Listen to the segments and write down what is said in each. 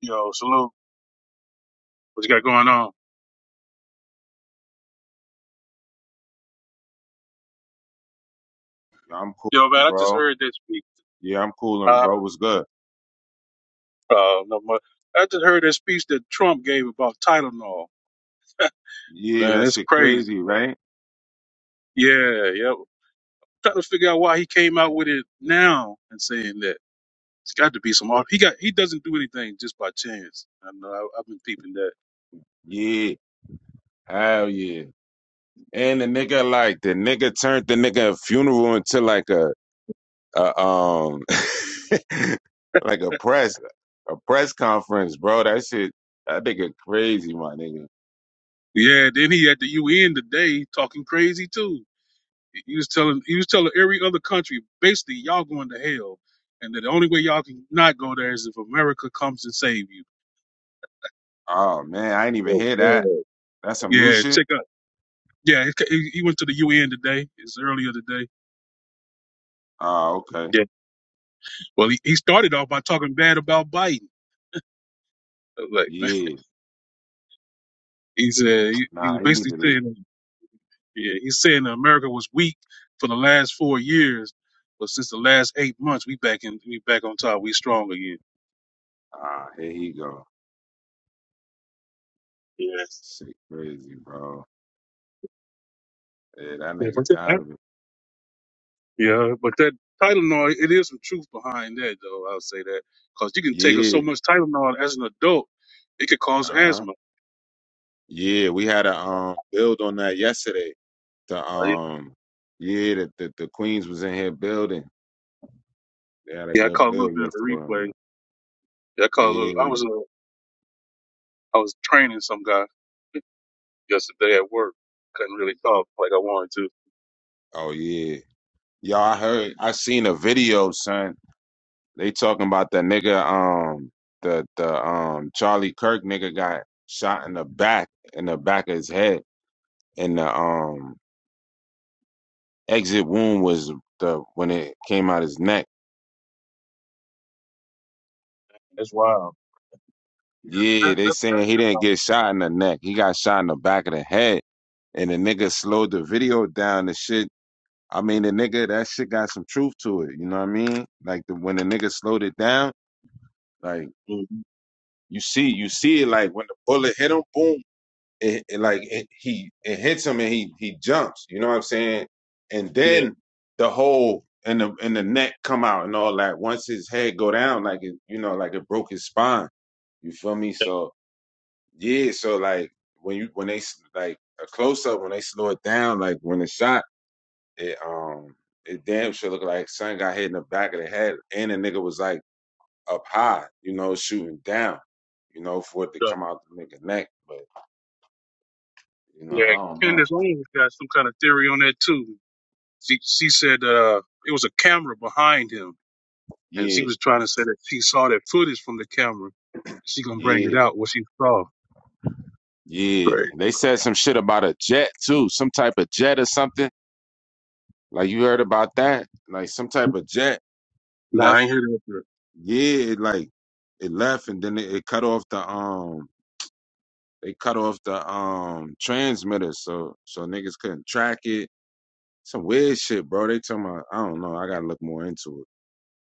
Yo, salute. What you got going on? Yo, man, I just heard that speech. Uh, uh, no, mu- I just heard that speech that Trump gave about Tylenol. Man, that's crazy. Yeah, yeah. Trying to figure out why he came out with it now and saying that. It's got to be some art. He got. He doesn't do anything just by chance. I know. I, I've been peeping that. Yeah. Then he at the UN today talking crazy too. He was telling. He was telling every other country basically y'all going to hell, and that the only way y'all can not go there is if America comes and save you. Oh, God. Yeah, check out. Yeah, he, he he went to the UN today. It's earlier today. Yeah. Well, he, he started off by talking bad about Biden. I was Like, man, he said, he, he was basically saying, yeah, he's saying that America was weak for the last four years, but since the last eight months, we back in, we back on top. We strong again. Yes. Yeah, but that, yeah, but that Tylenol, it is some truth behind that, though. I'll say that because you can take so much Tylenol as an adult, it could cause asthma. Yeah, I caught a little bit of the replay. Yeah, I caught a little. I was uh, I was training some guy yesterday at work. Couldn't really talk like I wanted to. That's wild. Yeah. Mhm. Yeah. Yeah. Yeah. Yeah, Candace Owens got some kind of theory on that too. She she said uh, it was a camera behind him, and she was trying to say that she saw that footage from the camera. She gonna bring it out what she saw. Great. Nah, I ain't hear that. yet.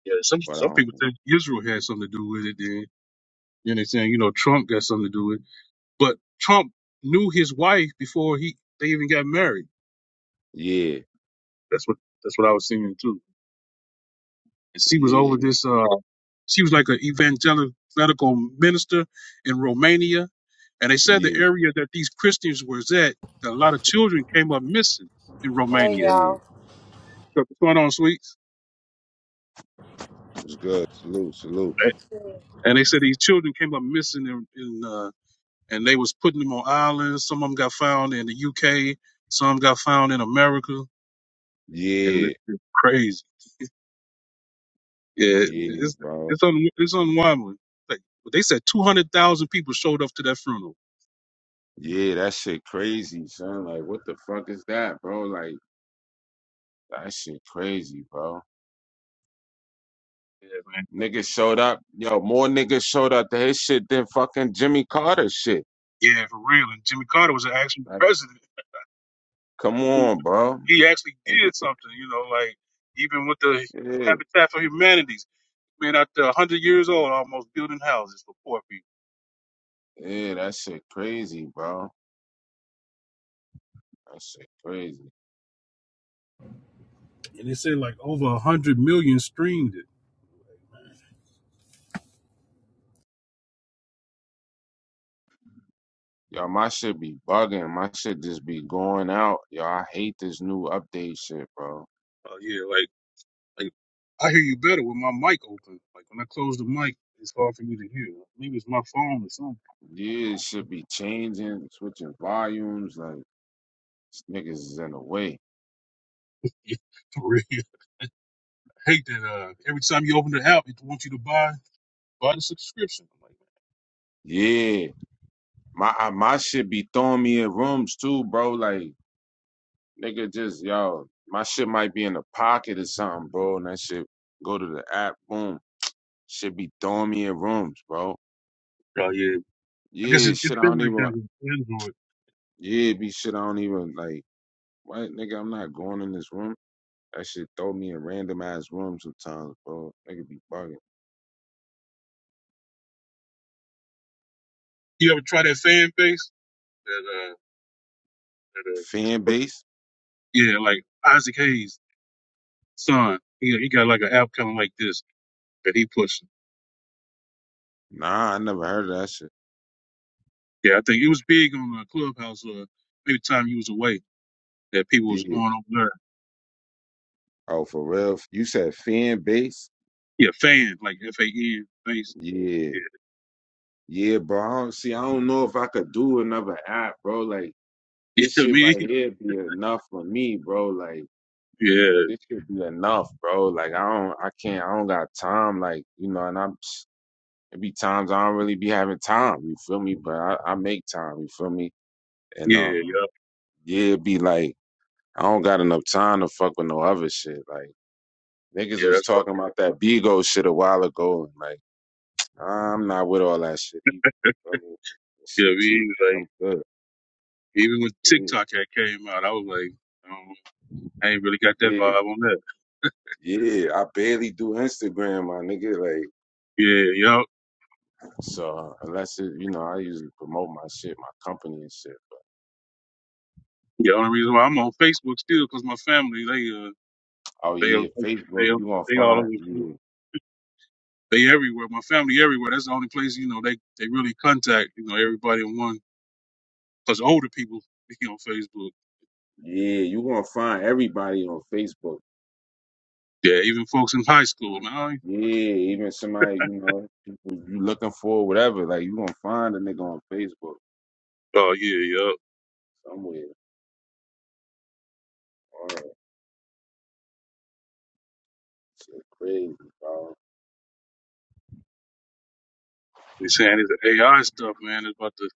Yeah, some some people think Israel had something to do with it. Then then they saying you know Trump got something to do with. it. But Trump knew his wife before he they even got married. That's what that's what I was seeing too. And she was over this. Uh, she was like an evangelical minister in Romania, and they said the area that these Christians was at, that a lot of children came up missing in Hey Romania. y'all. What's going on, sweets? And they said these children came up missing, in, in, uh, and they was putting them on islands. Some of them got found in the UK. Some got found in America, and it's it's crazy. Yeah, it's it's on it's unwinding. Like they said, two hundred thousand people showed up to that funeral. Yeah, man. Yeah, for real. And Jimmy Carter was an actual president. He actually did something. You know, like even with the Habitat for Humanities, man, out there hundred years old, almost building houses for poor people. And they said like over a hundred million streamed it. Oh yeah, like like I hear you better with my mic open. Like when I close the mic, it's hard for me to hear. Maybe it's my phone or something. yeah, for real. hate that uh, every time you open the app, it wants you to buy buy the subscription. I'm like, oh yeah, I guess it, it's been like that with Android. You ever try that fan base? That uh, that uh, what's it? yeah, like Isaac Hayes' son. He he got like an app kind of like this that he pushed. Yeah, I think it was big on the clubhouse. Uh, maybe the time you was away that people was going over there. Yeah, fan like F A N face. Yeah, yeah, I mean, yeah, yeah, yeah, yeah. That's what. Yeah, I mean, Like, Even when TikTok had came out, I was like, um, I ain't really got that vibe on that. Yeah, yup. The only reason why I'm on Facebook still because my family, they, uh, they, uh, they, uh, they all over. the place. They everywhere. My family everywhere. That's the only place you know they they really contact you know everybody in one. Cause older people be on Facebook. Yeah, even folks in high school, man. I- ain't- Oh yeah, yup. They saying this AI stuff, man, is about to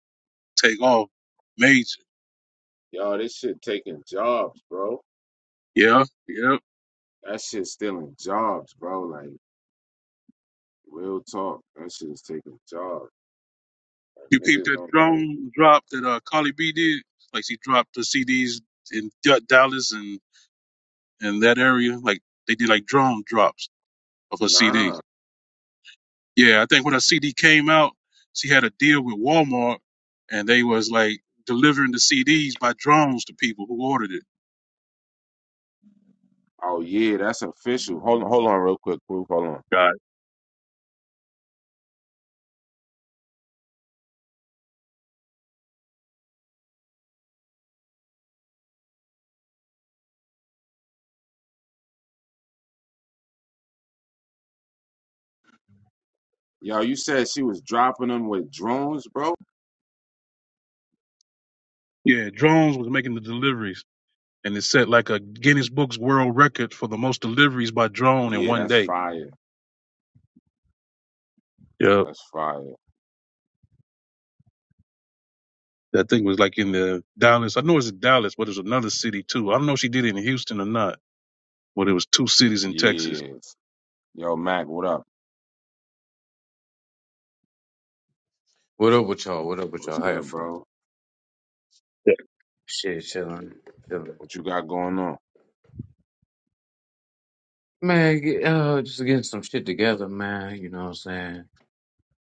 take off major. Yeah, yeah. You peeped that drone drop that uh, Carly B did. Like she dropped the CDs in D- Dallas and and that area. Like they did like drone drops of her CD. Yeah, I think when her CD came out, she had a deal with Walmart, and they was like delivering the CDs by drones to people who ordered it. God. Yeah, drones was making the deliveries, and it set like a Guinness Books World Record for the most deliveries by drone in one day. Yeah. I think it was like in the Dallas. I know it's in Dallas, but it's another city too. I don't know if she did it in Houston or not, but it was two cities in Texas. What up with y'all? What up with y'all? How you feeling? Yeah. Shit, chilling, chilling. Man, get- uh, just getting some shit together, man. You know what I'm saying?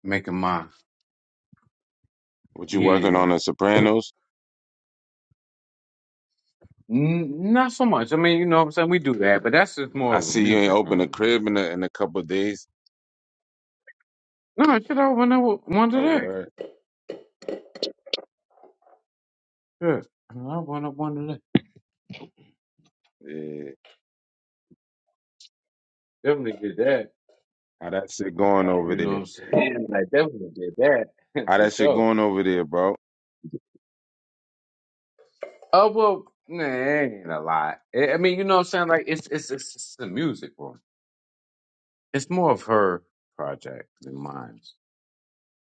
Making my yeah. N- not so much. I mean, you know what I'm saying. We do that, but that's just more of a music room. No, shit. I went up with one today. Sure, I went up one today. Definitely did that. You know what I'm saying? I definitely did that for sure. Oh well, nah, it ain't a lot. I I mean, you know what I'm saying? Like it's it's it's, it's a music room. It's more of her project than mine.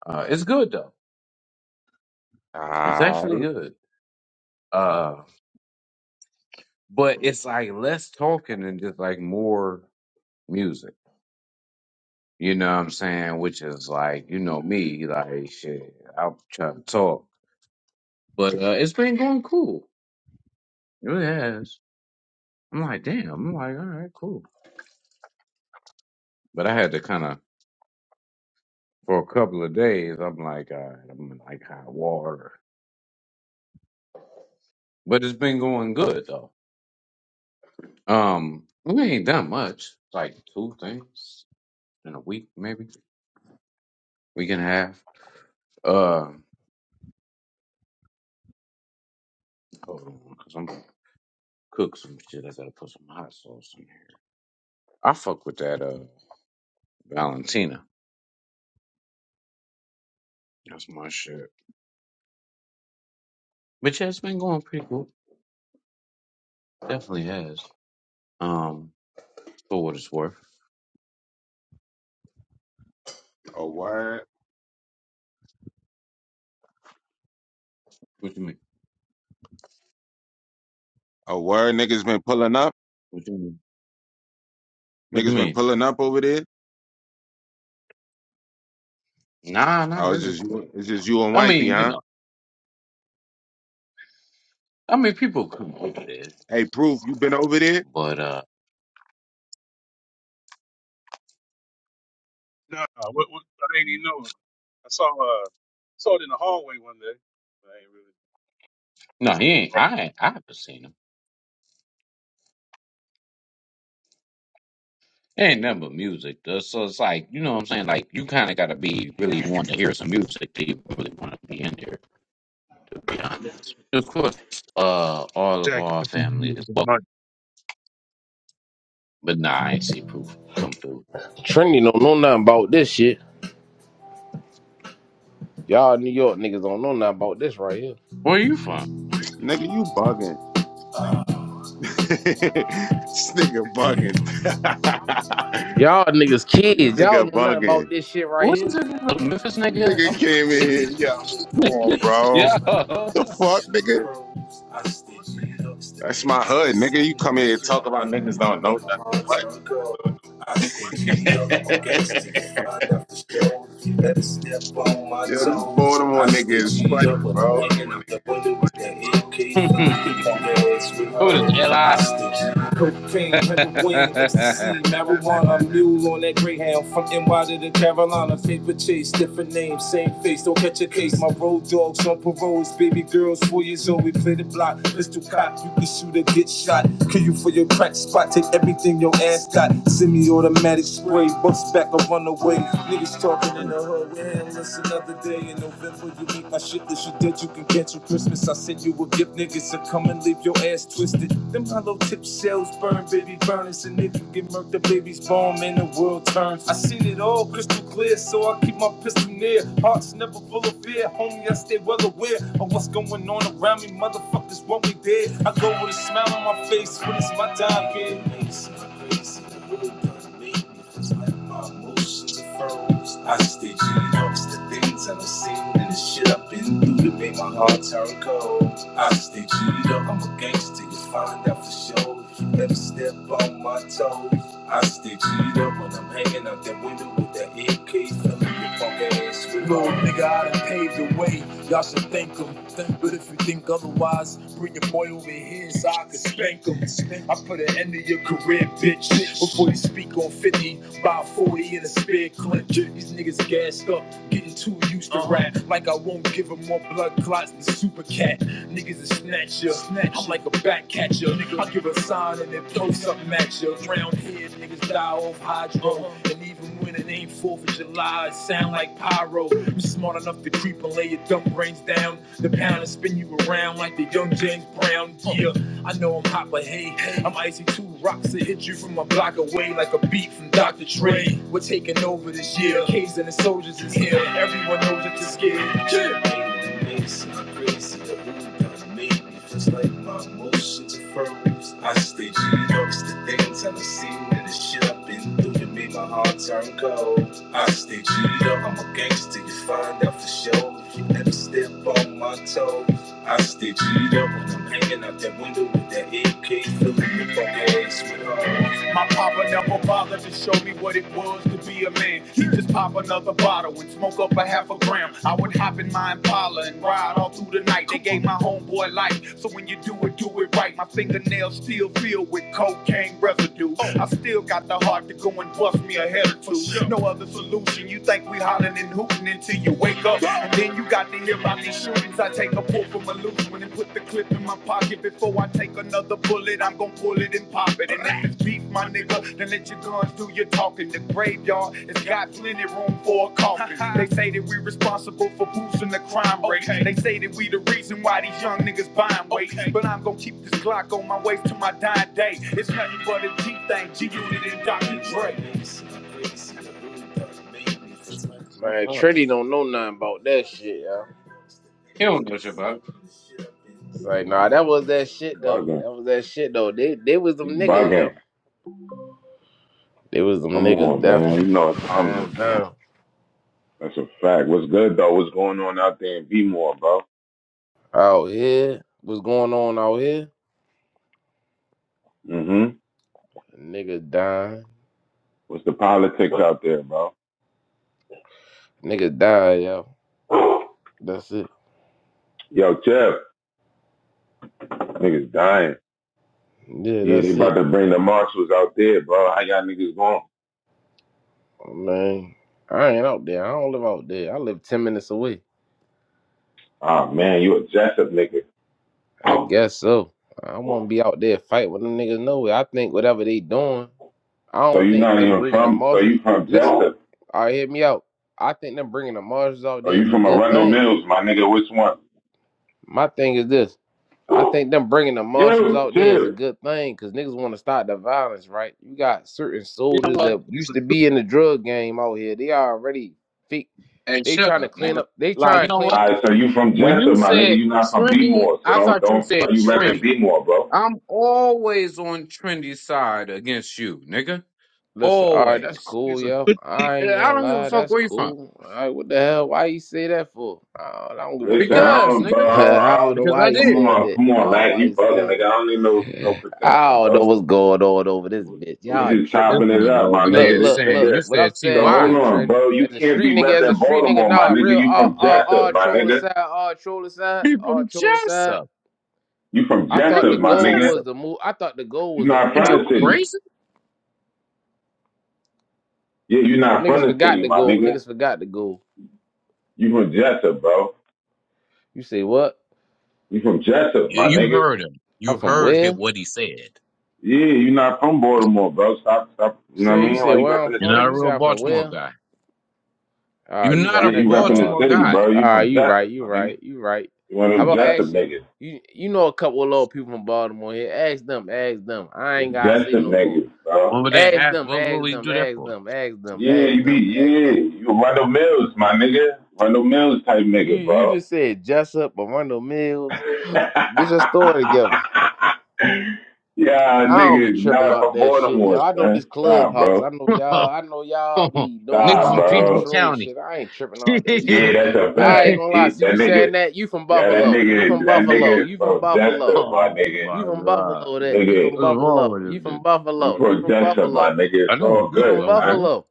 Uh, it's good though. It's actually good. Uh, but it's like less talking and just like more music. You know what I'm saying? Which is like, you know me, like shit. I'm trying to talk, but uh, it's been going cool. It really has. I'm like, damn. I'm like, all right, cool. But I had to kind of for a couple of days. I'm like, all right, I'm in like hot water. But it's been going good though. Um, we ain't done much. Like two things in a week, maybe we can have. Uh, hold on, cause I'm gonna cook some shit. I gotta put some hot sauce in here. I fuck with that. Uh, Valentina. That's my shit. But yeah, it's been going pretty cool. Definitely has. Um, for what it's worth. What you mean? What you mean? What you mean? Nah, not really. I mean, you know, I mean, people come with this, but uh, Nah, what, what, I didn't even know it. I saw uh, saw it in the hallway one day. I ain't really no, just he walking ain't. around. I ain't. I haven't seen him. ain't nothing but music. though. So it's like, you know what I'm saying? Like, you kind of got to be really want to hear some music to even really want to be in there, to be honest. Of course, uh, all of Jackie, our it's family is welcome. But nah, I ain't see proof come through. Trinity don't know nothing about this shit. Y'all New York niggas don't know nothing about this right here. Where you from? Y'all niggas kids. Y'all know nothing about this shit right What's this? here. nigga? Memphis nigga? I'm sick of these Memphis niggas. Yo! I stay G'd up, I'm a gangster, you find out the show. You better step on my toes. I stay G'd up when I'm hanging out the window with that A K. Fucking punk ass with Who hoes is L.I.? hostage. Cocaine, heroin, ecstasy, marijuana, mule on that greyhound from NY to the Carolina. Favorite chase, different name, same face. Don't catch a case. My road dogs on paroles, baby girls, four years old. We play the block, pistol Cop, You can shoot or get shot. Kill you for your crack spot, take everything your ass got. Semi automatic spray, bust back or run away. Niggas talking in the hood, man, it's another day in November. You make my shit that you did, you can cancel Christmas. I send you a gift, niggas, and come and leave your ass twisted. Them hollow tip shells burn, baby, burn us, and if you get murked up, baby babies born, and the world turns. I seen it all crystal clear, so I keep my pistol near. Hearts never full of fear, homie, I stay well aware of what's going on around me. Motherfuckers want me dead. I go with a smile on my face when it's my time, kid. I stay G'd up, it's the things I done seen and the shit I've been through that made my heart turn cold. I stay g up, I'm a gangster, you find out for sure. Never step on my toes. I stick heat up when I'm hanging out that window with that AK, feeling your punk ass Lord, nigga, I done paved the way. Y'all should thank 'em, But if you think otherwise, bring your boy over here so I can spank 'em. I put an end to your career, bitch. Before you speak on 50, buy 40 in a spare clip. These niggas gassed up, getting too used to rap. Like I won't give 'em more blood clots than Super Cat. Niggas is snatcher. I'm like a back catcher. I give a sign and then throw something at you. Drown here, niggas die off hydro. And even when it ain't 4th of July, it sound like pyro. You smart enough to creep and lay your dumb brains down. The pound and spin you around like the young James Brown. Yeah. I know I'm hot, but hey, hey, I'm icy two rocks that hit you from a block away like a beat from Dr. Dre. We're taking over this year. K's and the soldiers is here. Everyone knows that you're scared. Yeah. I stay G-Dubs, the things I've seen and the shit I've been through that made my heart turn cold. I stay G-Dub, I'm a gangster, you find out for sure if you never step on my toes. I stay G'd up when I'm hanging out that window with that AK, filling the fucking ass with her. My papa never bothered to show me what it was to be a man. He just pop another bottle and smoke up a half a gram. I would hop in my Impala and ride all through the night. They gave my homeboy life, so when you do it, do it right. My fingernails still filled with cocaine residue. I still got the heart to go and bust me a head or two. No other solution. You think we hollering and hooting until you wake up, and then you got to hear about these shootings. I take a pull from a loose. when down and put the clip in my pocket before I take another bullet. I'm gonna pull it and pop it. And if it's beef, my nigga, then let your guns do your talking. The graveyard has got plenty room for a coffin. They say that we're responsible for boosting the crime rate. Okay. They say that we the reason why these young niggas buying weight. Okay. But I'm gonna keep this Glock on my waist to my dying day. It's nothing but a G thing, G Unit and Dr. Dre. Man, Trinity don't know nothing about that shit, y'all. he don't know shit about it. Like, nah, that was that shit though. That was that shit though. They they was them niggas, yo. They was them niggas definitely. Man, damn. Out here, what's going on out here? Niggas dying. Niggas dying, yo. That's it. Yeah, that's it. Man, I ain't out there. I don't live out there. I live ten minutes away. Ah, Oh man, you a Jessup nigga. I guess so. I want to be out there fight with them niggas. No way. I think whatever they doing, I So don't you think not them even bringing the from so you marshals. from Listen, Jessup. all right, hear me out. I think them bringing the marshals out Or there you is a from good Arundel thing. Mills, my nigga, which one? My thing is this. I think them bringing the marshals You out there is a chill. good thing because niggas want to stop the violence, right? You got certain You know soldiers that what? a used to good, be in the drug game out here. They already think Hey, they shut trying to up, clean nigga. up. They Like, trying you to know clean what? up the Alright, so you streets. from When you Jessup, my nigga, said you not from trendy, More? so I don't thought you don't why said you trendy. repping More, bro? I'm always on trendy side against you, nigga. Listen, all right, that's Always. cool, it's a yo. good thing I that Eh, they ain't I gonna bring don't give a in. lie, fuck that's where you from. cool. All right, what the hell? Why you say that for? I don't, I don't give a Listen, fuck. I Because, don't nigga, bro, I I don't know don't because I why he come did. said on, that. come I on, don't know lad, why you he bugging nigga. said I don't need no no that. I protection, don't know bro. what's going on over this bitch. We Y'all just tripping. This chopping it nigga up, my over Look, nigga. here This look, saying look. nigga you What I'm said so saying to hold you, T.Y. on, Trini, bro. You as a can't street be nigga, as a repping street nigga, Baltimore, my nah, nigga. real, You all, from all, Jessup, all my troll nigga. aside, all troll aside, He all from troll aside. Jessup. You from I thought Nigga the Jessup, from my goal nigga. was Jessup. to move. I thought the goal You're was to not move Is from out you the of the city. hood. crazy? Yeah, you're So not from niggas the forgot city, the my goal. nigga. Niggas forgot the goal. You from Jessup, bro. You say what? You from Jessup, You, my you nigga. heard him. You I'm from heard where? him, You what he said. Yeah, you're not from Baltimore, bro. Stop, stop. You know what I say you mean? Why say you where repping I'm the You're not from. a city? You say real I'm from Baltimore where? guy. Ah, You're you not right. a Yeah, I you ain't from repping the Baltimore city, guy. Baltimore. bro. You Ah, from you right. Jessup, You my nigga. right. You right. You one of How them about Jessup ask you? niggas. You you know a couple of little people from Baltimore here. Ask them. Ask them. I The ain't gotta say Jessup no more. niggas, bro. What would they Ask ask? them, What would ask we them, do that ask for? them, ask them, Yeah, ask you be, them, ask yeah. them. You a Rundle Mills, my nigga. Rundle Mills type You nigga, you bro. just said Jessup, Arundel Mills. Get your story together. yeah, I don't be niggas tripping not out from that shit, yo. Baltimore, I know this son. Stop, clubhouse. bro. I know y'all. I know y'all be doing Nigga Stop, y'all from little PG bro. troll County. shit. I ain't tripping oh out that Yeah, shit. that's a I ain't fact. gonna lie. He, See that you nigga, saying that. You from yeah, that Buffalo. You nigga, from that Buffalo. nigga is You from from Buffalo. Jessup, my nigga. my You from god. Buffalo. That You Nigga, from What's wrong Buffalo. with this You from dude? you Buffalo. You from from Jessup, my Buffalo. nigga. I It's know I'm all You good, from Buffalo, son. nigga. Buffalo.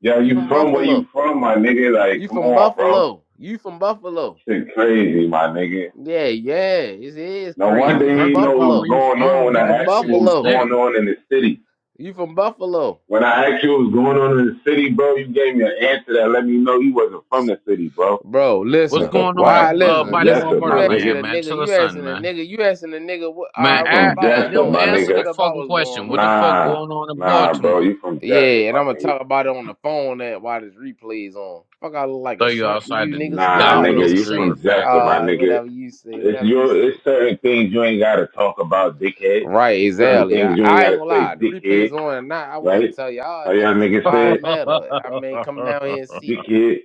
Yo, You you from from where you Buffalo. from, my nigga? Like, You come from on, bro. Buffalo? You from Buffalo? Shit crazy, my nigga. Yeah, yeah. It is No You crazy. You wonder from he perfect know about where what's Buffalo? you going on from, when You bro. I from That asked him what was shit's Buffalo? sick. going on in the city. You from Buffalo? When I asked you what was going on in the city, bro, you gave me an answer that let me know you wasn't from the city, bro. Bro, What's listen. That's a going on Why? fact. in You uh, from Listen, listen. Bodymore Jessup, You my asking nigga. Murderland, a man? nigga. Tell You us asking something, a man. nigga. You asking a nigga. What? All Man, right. You What I, from about uh, what's Jessup, yo, my going answer on? nigga. the What about fucking what's going question. What on? the fuck Nah, going on in nah, bro. Baltimore? You from Jessup, Yeah, and my I'm gonna nigga. talk about it on the phone that while this replay's on. Fuck, I look like Throw a you shrimp to outside you the niggas. Nah, Y'all nigga. Domino niggas You Sugar from crazy. All Jessup, my Factory. right, nigga. whatever you say, It's whatever you your. It's say. certain things you ain't gotta talk about, dickhead. Right, It's certain exactly. things I, you ain't I ain't gotta gonna say, lie. The replay's dickhead. on or not, I wouldn't Right? tell y'all How y'all niggas niggas why say it it, matter. I mean, come down here and see. dickhead?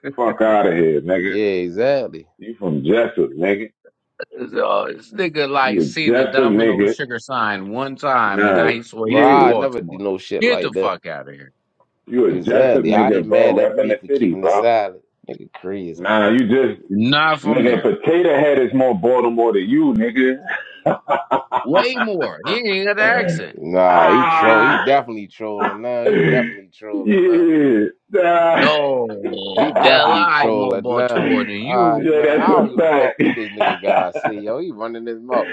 Fuck out of here, nigga. Yeah, exactly. You from Jessup, nigga. Uh, this nigga like You a seen the Jessup, Domino nigga. Sugar sign one time, and now Nah, he swear he But from yeah. I never do Baltimore. no shit Get the like that. fuck out of here! You a Jessup, Exactly. I nigga, ain't bro. mad at Repping me the for city, keeping it bro. silent. Nigga crazy. Nah, you just Not from nigga. there. Potato Head is more Baltimore than you, nigga. Way more. He ain't got ah, yeah, nah. the accent. Nah, he troll. He definitely trolling now. He yeah, definitely trolling now. He Oh, definitely L.I. more trolling now. Baltimore than All you. right, man. that's I a don't give a fuck fact. what this nigga guy say. Yo, he running his mouth.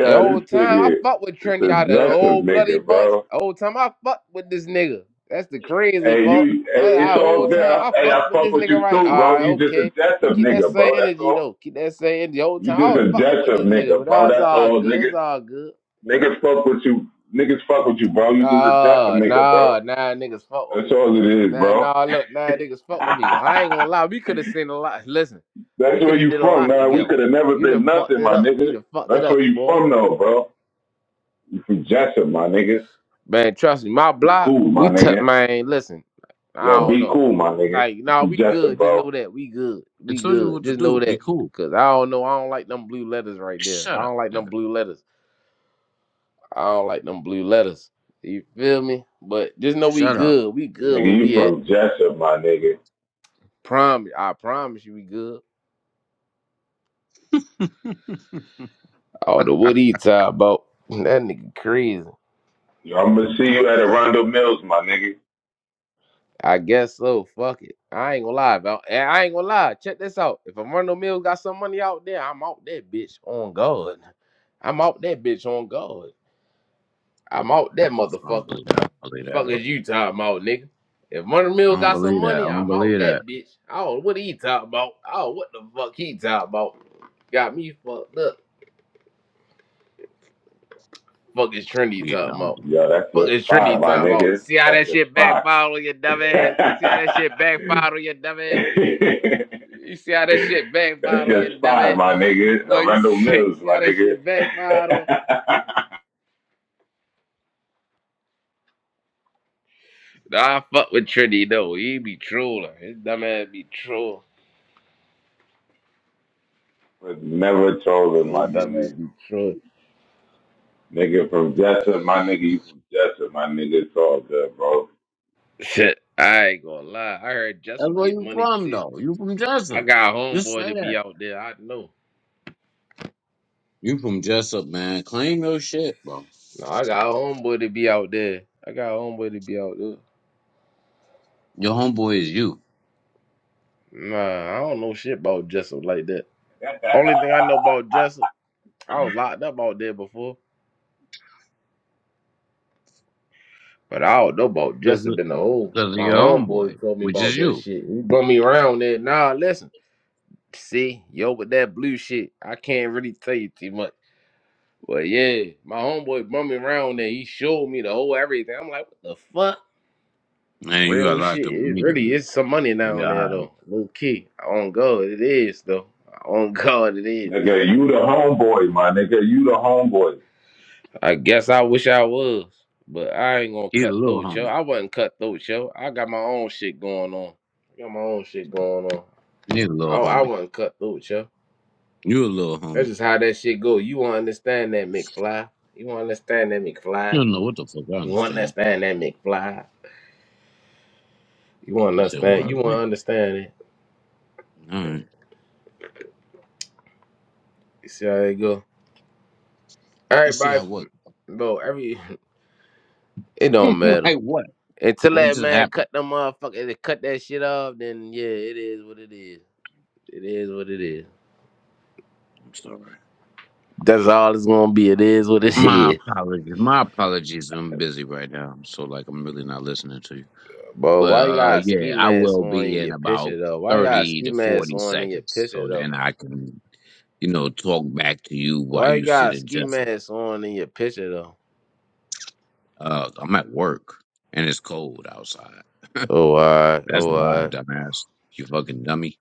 The whole this time I nigga fuck with is a Trinity out of the aggressive old bloody nigga, bunch. bro. The whole time I fuck with this nigga. That's the crazy Hey, part. you, hey, That I it's all whole good. time I- I Hey, fuck I with fuck this with nigga you right. too, All bro. right, You just a okay, but aggressive keep that nigga, same bro. That's energy all. though. Keep that same energy. The whole You time I just was a fucking with aggressive this nigga, nigga, but nah, bro. it's That's all all, good. It's nigga. all good. Niggas fuck with you. Niggas fuck with you, bro. You just a aggressive Nah, nigga, nah, bro. nah, niggas fuck with That's me. all it is, Nah, bro. nah, look, nah, niggas fuck with me. I ain't gonna lie, we could have seen a lot. Listen, we That's where could have you did a from, lot nah. We together. could have never You done been fucked nothing, it my up. You nigga. done fucked it That's where up, you boy. from, though, bro. You from Jessup, my nigga. Man, trust me, my Be block, cool, my we took nigga. man, listen, I Yo, don't be know. cool, my nigga. Like, You nah, from we Jessup, good. Just know bro. that. We good. They We told you good. what to Just know do. Be that. cool. Cause I don't know. I don't like them blue letters right there. I Shut up, don't like them nigga. blue letters. I don't like them blue letters. You feel me? But just know we Shut up. good. We good Nigga, where you we at. from Jessup, my nigga. Promise I promise you we good. Oh, the what he talk about. That nigga crazy. Yo, I'm gonna see you at Arundel Mills, my nigga. I guess so. Fuck it. I ain't gonna lie, bro. And I ain't gonna lie. Check this out. If a Rondo Mills got some money out there, I'm out that bitch on God. I'm out that bitch on God. I'm out that I don't motherfucker. believe that. I don't The believe that. at fuck is all. you talking about, nigga? If Rondo I Mills don't got some believe that. I money, don't I'm out believe that. that bitch. Oh, what he talking about? Oh, what the fuck he talking about? Got me fucked up. Fuck is Trinity Yeah, I talking don't about? believe. Yo, that's Fuck your is spot, Trinity my talking about? nigga. See how That's that your shit spot. backfired on your dumb ass? See how that shit backfired on your dumbass? that's You see how that shit backfired on your your dumb spot, ass? my nigga. Look, you Arundel see, you Mills, see my how that nigga. shit backfired on? Nah, I fuck with Trinity though. He be trolling. His dumb ass be trolling. but never told him, my His dumb nigga. ass be trolling. Nigga from Jessup, my nigga, you from Jessup, my nigga, it's all good, bro. Shit, I ain't gonna lie. I heard it. That's Justin where get you money from, too. though. You from I Jessup. got a Just homeboy say to that. be out there. I know. You from Jessup, man. Claim your shit, bro. No, I got a homeboy to be out there. I got a homeboy to be out there. Your homeboy is you. Nah, I don't know shit about Jessup like that. Only thing I know about Jessup, I was locked up out there before. But I don't know about Justin Because been the whole. of My your homeboy, homeboy told me which is about that you. shit. He brought me around there. Nah, listen. See, yo, with that blue shit, I can't really tell you too much. But yeah, my homeboy brought me around there. He showed me the whole everything. I'm like, what the fuck? And you got Real locked shit. up It really immediately. is some money Yeah, down all there right. though. Low key. On God, it is though. On God, it is. nigga, you the homeboy, my nigga, you the homeboy. I guess I wish I was, but I ain't gonna he's a cut little through, yo. homie. I wasn't cut through, yo. I got my own shit going on. I got my own shit going on. He's a little Oh, I homie. wasn't cut through with you. You a little homie. That's just how that shit go. You won't understand that McFly. You won't understand that You McFly. don't know what the fuck I You won't understand. understand that McFly. You won't That shit don't understand. bother You me. won't understand it. All right. You see how it go. Let's see Everybody, how what. bro. Every it don't matter like what? until What that just man happened? cut them motherfucker. They cut that shit off. Then yeah, it is what it is. It is what it is. I'm sorry. That's all it's gonna be. It is what it My is. apologies. My apologies. I'm busy right now. so like I'm really not listening to you. Bro, But why you uh, got a ski yeah, I mask will on be in in your about picture though? Why you got a 30 ski to mask 40 on in your seconds. picture So though? then I can, you know, talk back to you while Why you you got sit a and ski just, mask on in your picture though? uh, I'm at work and it's cold outside. Oh alright, That's oh why, alright. dumbass. You fucking dummy.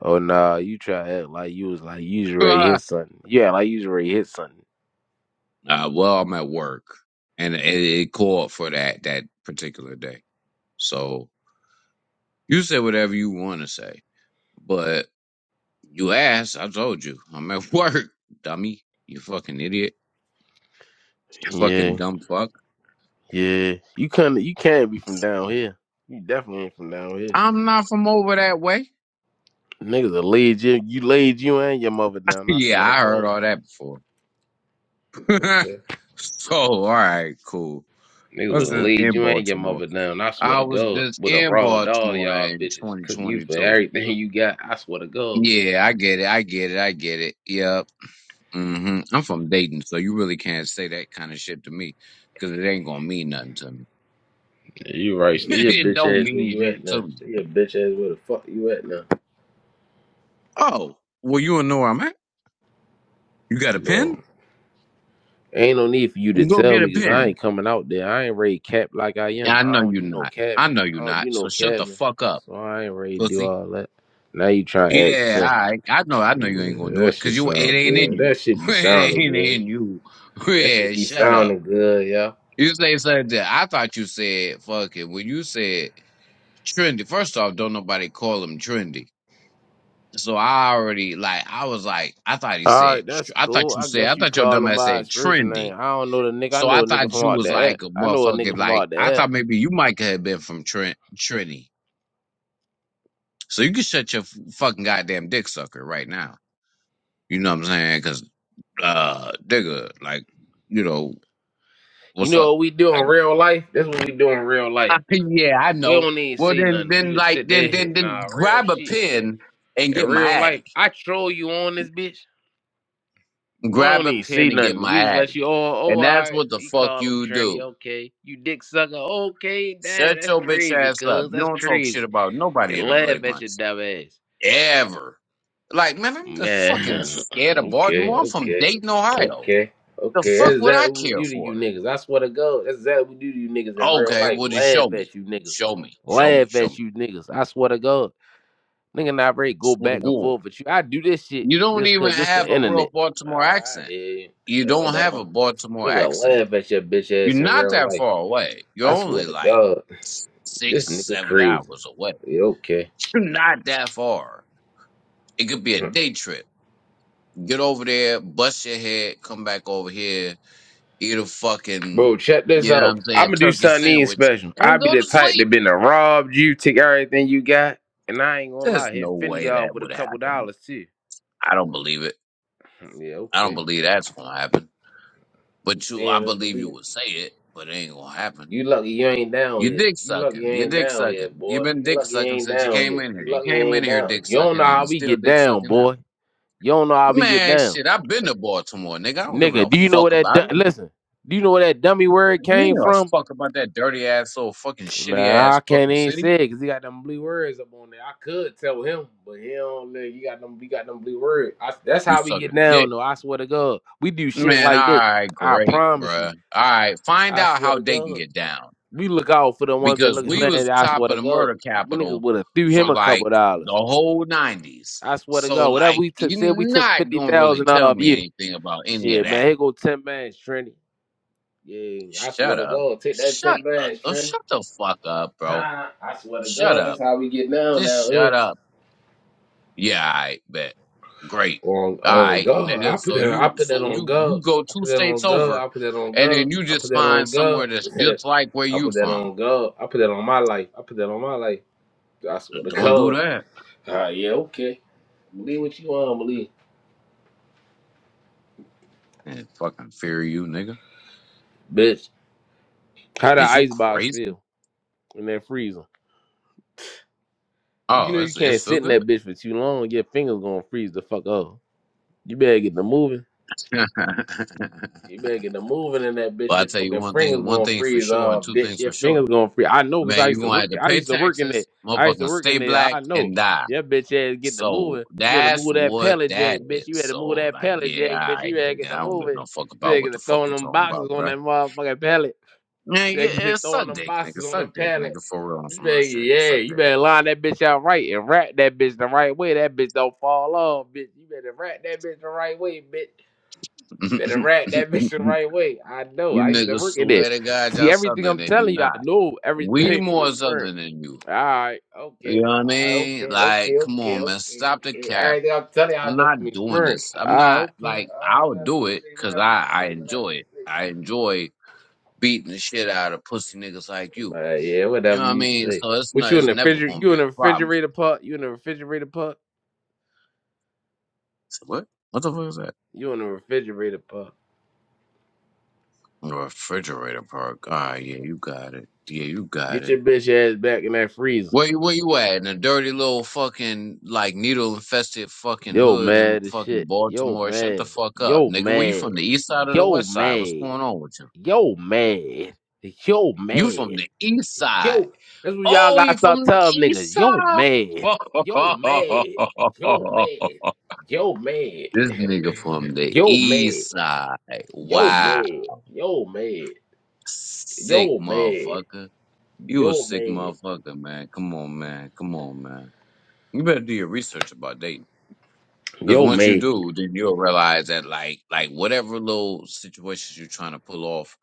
Oh nah, you try to act like you was like you just already uh, hit something. Yeah, like you just already hit something. well, I'm at work and it, it called for that, that particular day. So you say whatever you want to say, but you asked, I told you, I'm at work, dummy. You fucking idiot. You fucking Yeah, dumb fuck. yeah. You couldn't you can't be from down here. You definitely ain't from down here. I'm not from over that way. Niggas have laid you you laid you and your mother down, I Yeah, swear to I heard God. all that before. Okay. so, all right, cool. I Niggas would was have just laid in you and your Baltimore. mother down, I swear I to was God. just Would have in robbed all Baltimore y'all in bitches. Cook you for 2022. everything you got, I swear to God. Yeah, I get it. I get it. I get it. Yep. hmm I'm from Dayton, so you really can't say that kind of shit to me because it ain't going to mean nothing to me. Yeah, you right. Stay your it bitch don't ass where mean you at shit to now. me. Stay your bitch ass where the fuck you at now. Oh, well, you don't know where I'm at? You got a pen? No. Ain't no need for you to Go tell get a me because I pen. ain't coming out there. I ain't ready to cap like I Yeah, am. I know I don't you do no not. I cabman. know you I don't not. do So no shut the cabman. fuck up, So I ain't ready to do pussy. all that. Now you trying to act Yeah, tough. I I know I know you ain't gonna Yeah, do that it because shit you it sound ain't in good. you. That shit be it sounding ain't good. in you. That Yeah, shit be shut up. sounding good, yeah. You say something that I thought you said fucking when you said trendy. First off, don't nobody call him trendy. So I already like I was like I thought he said Alright, that's tr- I cool. thought you I said I guess you thought your call dumb him ass by said his first name. trendy. I don't know the nigga. I So I know a nigga thought from you out was the app. like a I know a nigga motherfucking from like out I the app. thought maybe you might have been from Trent Trinity. So you can shut your f- fucking goddamn dick sucker right now. You know what I'm saying? uh, nigga, like, you know, You what's up? know what we do in Like, real life? That's what we do in real "Ah, life. yeah, I We know. don't even Well, see then, nothing. We then, just like, sit there. then, then, then, Nah, real grab a shit. pen and In get my real life, addy. I troll you on this bitch. We Grab don't a even pen see and get nothing. my We just let you. Oh, addy, oh, and all that's right. what the You fuck call him you trendy. do. Okay, you dick sucker. Okay, Shut damn, that's your bitch crazy, ass up. cuz You that's don't talk crazy. shit about They nobody in the bloody laugh at bunch your dumb ass. ever. Like, man, I'm just fucking Man, scared of Baltimore. okay, I'm from okay, Dayton, Ohio. okay, The okay. fuck That's would I that what we care do to you for? niggas. I swear to God, that's that what we do to you niggas in real Okay, life. well, just show Laugh me, at you niggas. show me, show me, Laugh show at me. you niggas. I swear to God. Nigga not ready to go Swear to back and God. forth with you. I do this shit You don't just even cause this the have a internet. real Baltimore Alright, accent. yeah, You yeah, don't have whatever. a Baltimore Nigga accent. laugh at your bitch You're ass in not real that life. far away. You're I swear only to like God. s- six, This nigga seven crazy. hours away. Yeah, okay. You're not that far. It could be a day trip. Get over there, bust your head, come back over here, eat a fucking, Bro, check this you know what out. I'm saying, I'ma do turkey something even sandwich, special. I and be go the to type sleep. that been to rob you, take everything you got, and I ain't gonna There's lie, hit no Fendi way off that with a would couple happen. dollars too. I don't believe it. Yeah, I don't okay. believe that's gonna happen. But you, I Seeing is believe you believing. would say it, but it ain't gonna happen. You lucky you ain't down You here. dick You lucky you sucking. You ain't dick down here, sucking. You've boy. been You dick lucky you sucking ain't since you down came here. in here. You You lucky you came in ain't here down. dick You don't know sucking and how you we still get dick down, sucking now. boy. You don't know how we get Man, down, shit, I've been to Baltimore, nigga. I don't give a nigga. no Do you know where fuck that? about Du- it. Listen. Do you know where that dummy word Me came a from? fuck about that dirty ass old fucking shitty Nah, ass I can't fucking even city. say it because he got them blue words up on there. I could tell him, but he don't. let. he got them. He got them blue words. I, that's You how we get sucking down, dick. though. I swear to God, we do shit Man, like that. alright, I great, promise you. bruh. Alright, find I out swear how to they can God, get down. we look out for the ones that because look we was land. I top swear of to the God, murder we niggas capital would have threw for him a like couple the dollars. whole nineties. I swear to So God, whatever like we took, you're said we took not fifty gonna really thousand tell off me you. anything about any of Shit, man, that. here go ten bands, Trinity. Yeah, I swear Shut to up. God, take that Shut ten up. bands, Oh, Trinity. shut the fuck up, bro. I swear to Shut God, up. that's how we get down Just now here. shut up. Yeah, I bet. Great. on All on right, God. I nigga. put So that I you put so that on you you God. go I two put that states on God. over I put that on and God. then you I put just that find on God. somewhere that's just like where I you put that from. on God. I put that on my life. I put that on my life. I swear to Don't do God. that. Ah, yeah, okay. Believe what you want, to believe. Man, fucking fear you, nigga. Bitch, how that Is you ice box crazy? feel in that freezer? You Oh, know you it's it's can't feel sit in good. that bitch for too long. Your fingers gonna freeze the fuck up. You better get to moving. You better get the moving in that bitch. Well, I Your tell you fucking one thing, fingers one gonna thing for freeze sure, and off, two bitch. things Your for sure. fingers gonna freeze. I know, cause Man, I you used to gonna have work. to I pay used to work in there. taxes, I used to motherfucking work stay in there. black I know. and die. Your bitch ass get the So moving. You better that's move that what pallet jack, that is. bitch. You better move So that like, pallet yeah, jack, bitch. I You better get nigga, I the don't give moving. You no fuck about better what get the to fuck throwing you them talking boxes about, on bruh. that motherfucking pallet. You Man, better yeah, get to yeah, suck throwing them dick, boxes nigga, on the suck dick, pallet. nigga, for real on You some real better, shit, yeah, suck you dick. better line that bitch out right and wrap that bitch the right way. That bitch don't fall off, bitch. You better wrap that bitch the right way, bitch. You better rap that bitch the you right way. I know. I used to niggas work in swear it. to God, See y'all everything southern I'm and you telling you, I not. know We everything from more experience. southern than you. All right, You okay, know what I all right, mean? okay, Like, okay, come okay, on, man, okay, stop the okay. cap. Everything I'm telling you, I I'm know from not doing experience. this. I'm All right, not okay, like all right, I'll whatever do you it say, because whatever you I I say, enjoy it. I enjoy beating the shit out of pussy niggas like you. whatever you say. Uh, yeah, You know whatever what I you mean? say. So it's What not. you in It's the never refrigerator? gonna You be in a the problem. refrigerator pot? You in the refrigerator pot? So What? What the fuck is that? You in the refrigerator pot? The refrigerator park. Ah, yeah, you got it. Yeah, you got Get it. your bitch ass back in that freezer. Where you where you at? In a dirty little fucking like needle infested fucking Yo, hood in mad as fucking shit. Yo, Baltimore. Shut the mad. fuck up, Yo, nigga. Where you mad. from? The east side or the yo west side? What's man. going on with you? yo man. yo You from man. the east side. yo. That's what y'all Oh, gotta you from start the telling east niggas. Yo side. man. yo man. yo man. yo man. this nigga from the yo man. east side. yo Wow. man. yo man. Sick yo man. motherfucker. You a yo sick man. motherfucker, man. Come on, man. Come on, man. You better do your research about dating. Because yo once you man. do, then you'll realize that like like whatever little situations you're trying to pull off,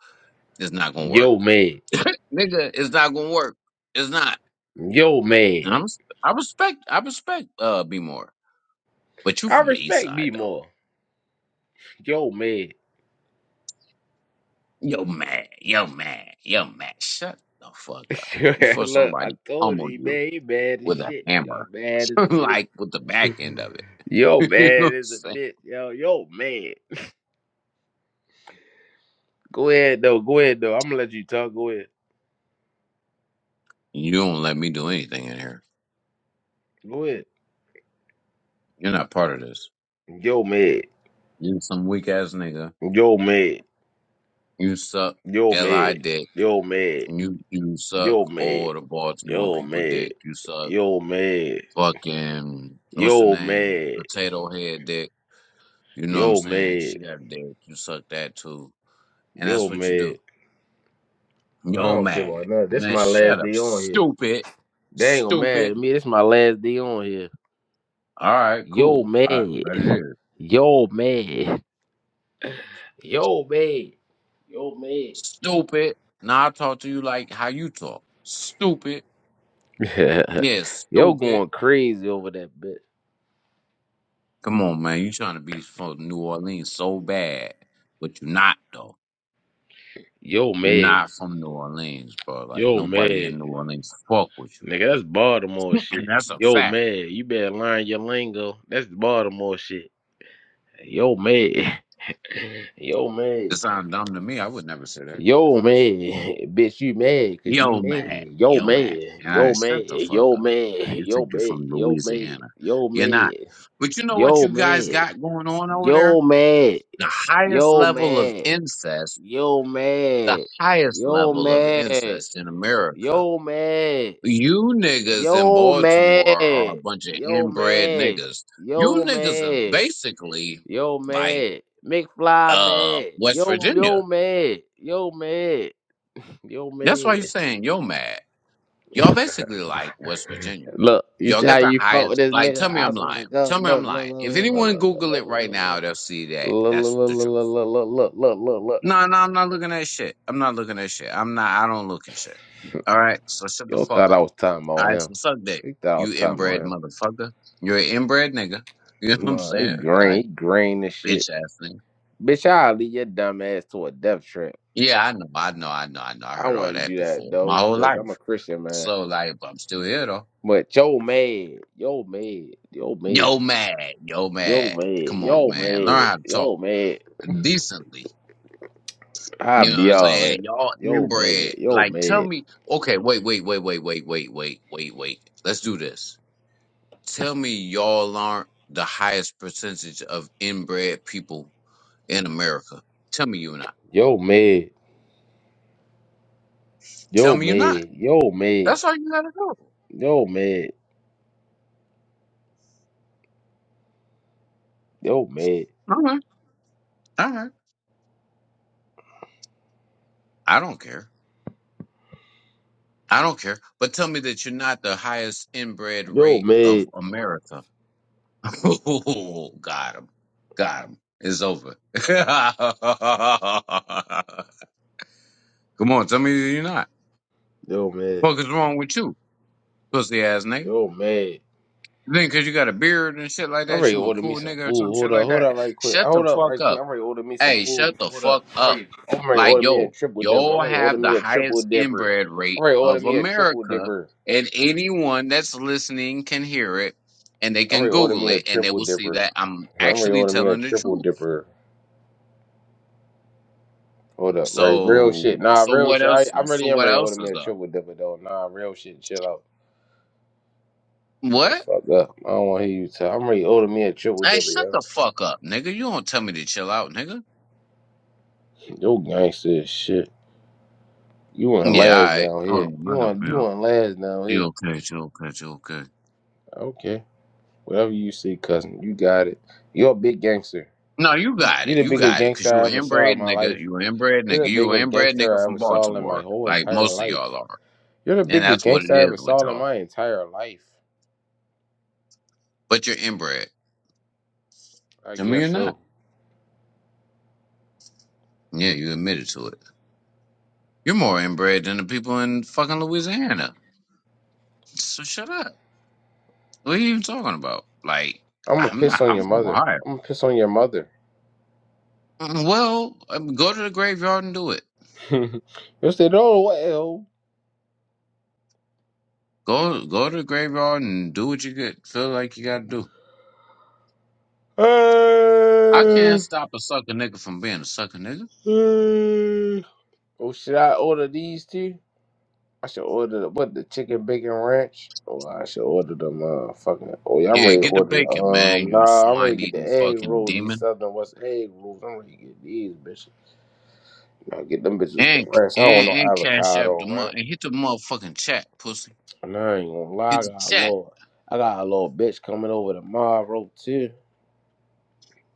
it's not gonna work. yo man. Nigga, it's not gonna work. It's not. yo man. And I'm, I respect, I respect, uh, B more. But you I from the east respect side B though. more. Yo man. Yo man, yo man, yo man. Shut the fuck up before Look, I somebody told pummel you, you man, he mad as with a shit. Yo, all hammer, mad as a bitch. like with the back end of Yo, it. you know what man I'm is a saying? bitch. Yo, yo, man. Go ahead, though. Go ahead, though. I'm going to let you talk. Go ahead. You don't let me do anything in here. Go ahead. You're not part of this. Yo, man. You some weak ass nigga. Yo, man. You suck Yo, li man. dick. Yo, man. You you suck Yo, man. all the Baltimore Yo, people man. dick. You suck Yo, man. fucking what's her Yo, name man. potato head dick You know what I'm Yo, saying? man. She got dick. You suck that too. And that's Yo, what you man. do. I Yo, don't care man. about nothing. This Man, my shut last up. day on here. Stupid. They ain't gonna mad Stupid. at me. This my last day on here. All right, Yo, cool. All right, I man. bet it is. Yo, man. Yo, man. Yo, man. Stupid. Now I talk to you like how you talk. Stupid. Yeah, Yo stupid. going crazy over that bitch. Come on, man. You trying to be from New Orleans so bad. But you're not, though. Yo, You're mad. not from New Orleans, bro. Like, Yo, nobody in mad, New Orleans fuck with you. Nigga, that's Baltimore And shit. that's a Yo, fact. mad. You better learn your lingo. That's the Baltimore shit. Yo, mad. Yo, mad. It sounds dumb to me. I would never say that. Yo, mad. Bitch, you mad because you Yo, mad. man. Yo, Yo, man. mad. All Yo, right, mad. shut the fuck Yo, up. mad. man. You Yo, think you're mad. from Yo, mad. Louisiana. Yo, You're not. mad. But you know what Yo, you guys mad. got going on over there? Yo, mad. The highest Yo, level of mad. incest, Yo, the mad. highest Yo, level of man. incest in America. Yo, man. You niggas in Yo, Baltimore are man. a bunch of Yo, inbred man. niggas. You Yo, niggas is man. basically Yo, like man. McFly, uh man. West Yo, Virginia. yo, man. Yo, man. Yo, That's why man. you're saying yo mad. Y'all basically like West Virginia. Look, you Y'all see how got the you fought with highest. this Like, nigga? tell me I I'm swear lying. to Tell God. me I'm Look, look, look, lying. If anyone look, look, look, Google look, it right now, they'll see that look, look, that's look, look, look, the look, truth. look, look, look, look, look. No, no, I'm not looking at shit. I'm not looking at shit. I'm not. I don't look at shit. All right. So shut the Yo fuck thought I up. was talking All about right. him. So suck dick. He thought I was You talking about inbred him. motherfucker. You're an inbred nigga. You know what I'm Nah, he saying? green. Like He green and shit. bitch ass nigga. Bitch, I'll leave your dumb ass to a death trap. Yeah, I know. I know. I know. I know. I I heard all wouldn't that do that before my though, whole cause life. I'm a Christian man. So like, but I'm still here though. But yo mad, yo mad, yo mad, Yo, mad. Yo, yo mad. mad, Come on, yo man. Learn mad, how to talk yo mad. decently. I You know what be I'm all that. saying? Y'all Yo mad, inbred. yo Like, tell mad, me. Okay, wait, wait, wait, wait, wait, wait, wait, wait, wait. Let's do this. Tell me y'all aren't the highest percentage of inbred people in America. Tell me you're not. yo mad, Tell yo me you're not. mad, yo mad, That's all you gotta do. yo mad, yo mad, All right. All right. I don't care. I don't care. But tell me that you're not the highest inbred yo rate of mad, America. Oh, got him. Got him. It's over. Come on, tell me you're not. yo mad, Fuck is wrong with you, pussy ass nigga? yo mad, You think 'cause you got a beard and shit like I'm that, ready to you a order me cool some nigga or food. some shit Hold up, like hold that? up, right quick. Shut the Hold up, fuck right quick. up. I'm ready to order me some Hey, food. shut the Hold fuck up. I'm up. ready. I'm ready to Like, order me a yo, triple dipper. I'm y'all ready to order have the me a triple highest dipper. inbred I'm rate ready to order of me a triple America, dipper. and anyone that's listening can hear it and they I'm can ready to order me Google a it and they triple will see dipper. that I'm I'm ready to actually order me a telling the triple truth. dipper. Hold up, right? Real shit. So Nah, so real what shit. I, else? I'm really So am what ready to order else me is a up? triple dipper though. Nah, real shit. Chill out. Shut the What? fuck up. I don't want to hear you talk. I'm ready to order me a triple Hey, dipper, shut yo. the fuck up, nigga. You don't tell me to chill out, nigga. Yo, gangster as shit. You want Yeah, all last right. down Hold on, here. You nigga. it want you be. want last down You here. okay? You okay? You okay? Okay. Whatever you see, cousin, you got it. You're a big gangster. No, you You- got You're it. the You biggest got it. gangster Cause you I an ever saw in inbred my nigga. life. You an inbred You're nigga. the You an biggest inbred nigga gangster I from ever saw in my Baltimore, whole like entire most of y'all life. are, You're the and biggest that's what gangster it I ever is with saw in y'all. my entire life. But you're inbred. I To me, guess you're not. so. Yeah, you admitted to it. You're more inbred than the people in fucking Louisiana. So shut up. What are you even talking about? Like, I'm gonna I'm piss not. on your I'm from mother. Ohio. I'm gonna piss on your mother. Well, um, go to the graveyard and do it. You'll say, no, what hell? Go go to the graveyard and do what you get feel like you got to do. I can't oh, stop a sucker nigga from being a sucker nigga. should I order these two? I should order the, what the chicken bacon ranch, or I should order the motherfucking. Oh yeah, I'm Yeah, ready to get the order. The, bacon, man. um, You nah, I'm ready swine to get the eating egg fucking rolls. These demon. southern west egg rolls. I'm ready to get these bitches. Nah, get them bitches with the And ranch. I don't and want no and cash app the avocado mo- ranch. and hit the motherfucking chat, pussy. And I ain't gonna lie, Hit I the got a chat. little, I got a little bitch coming over tomorrow too.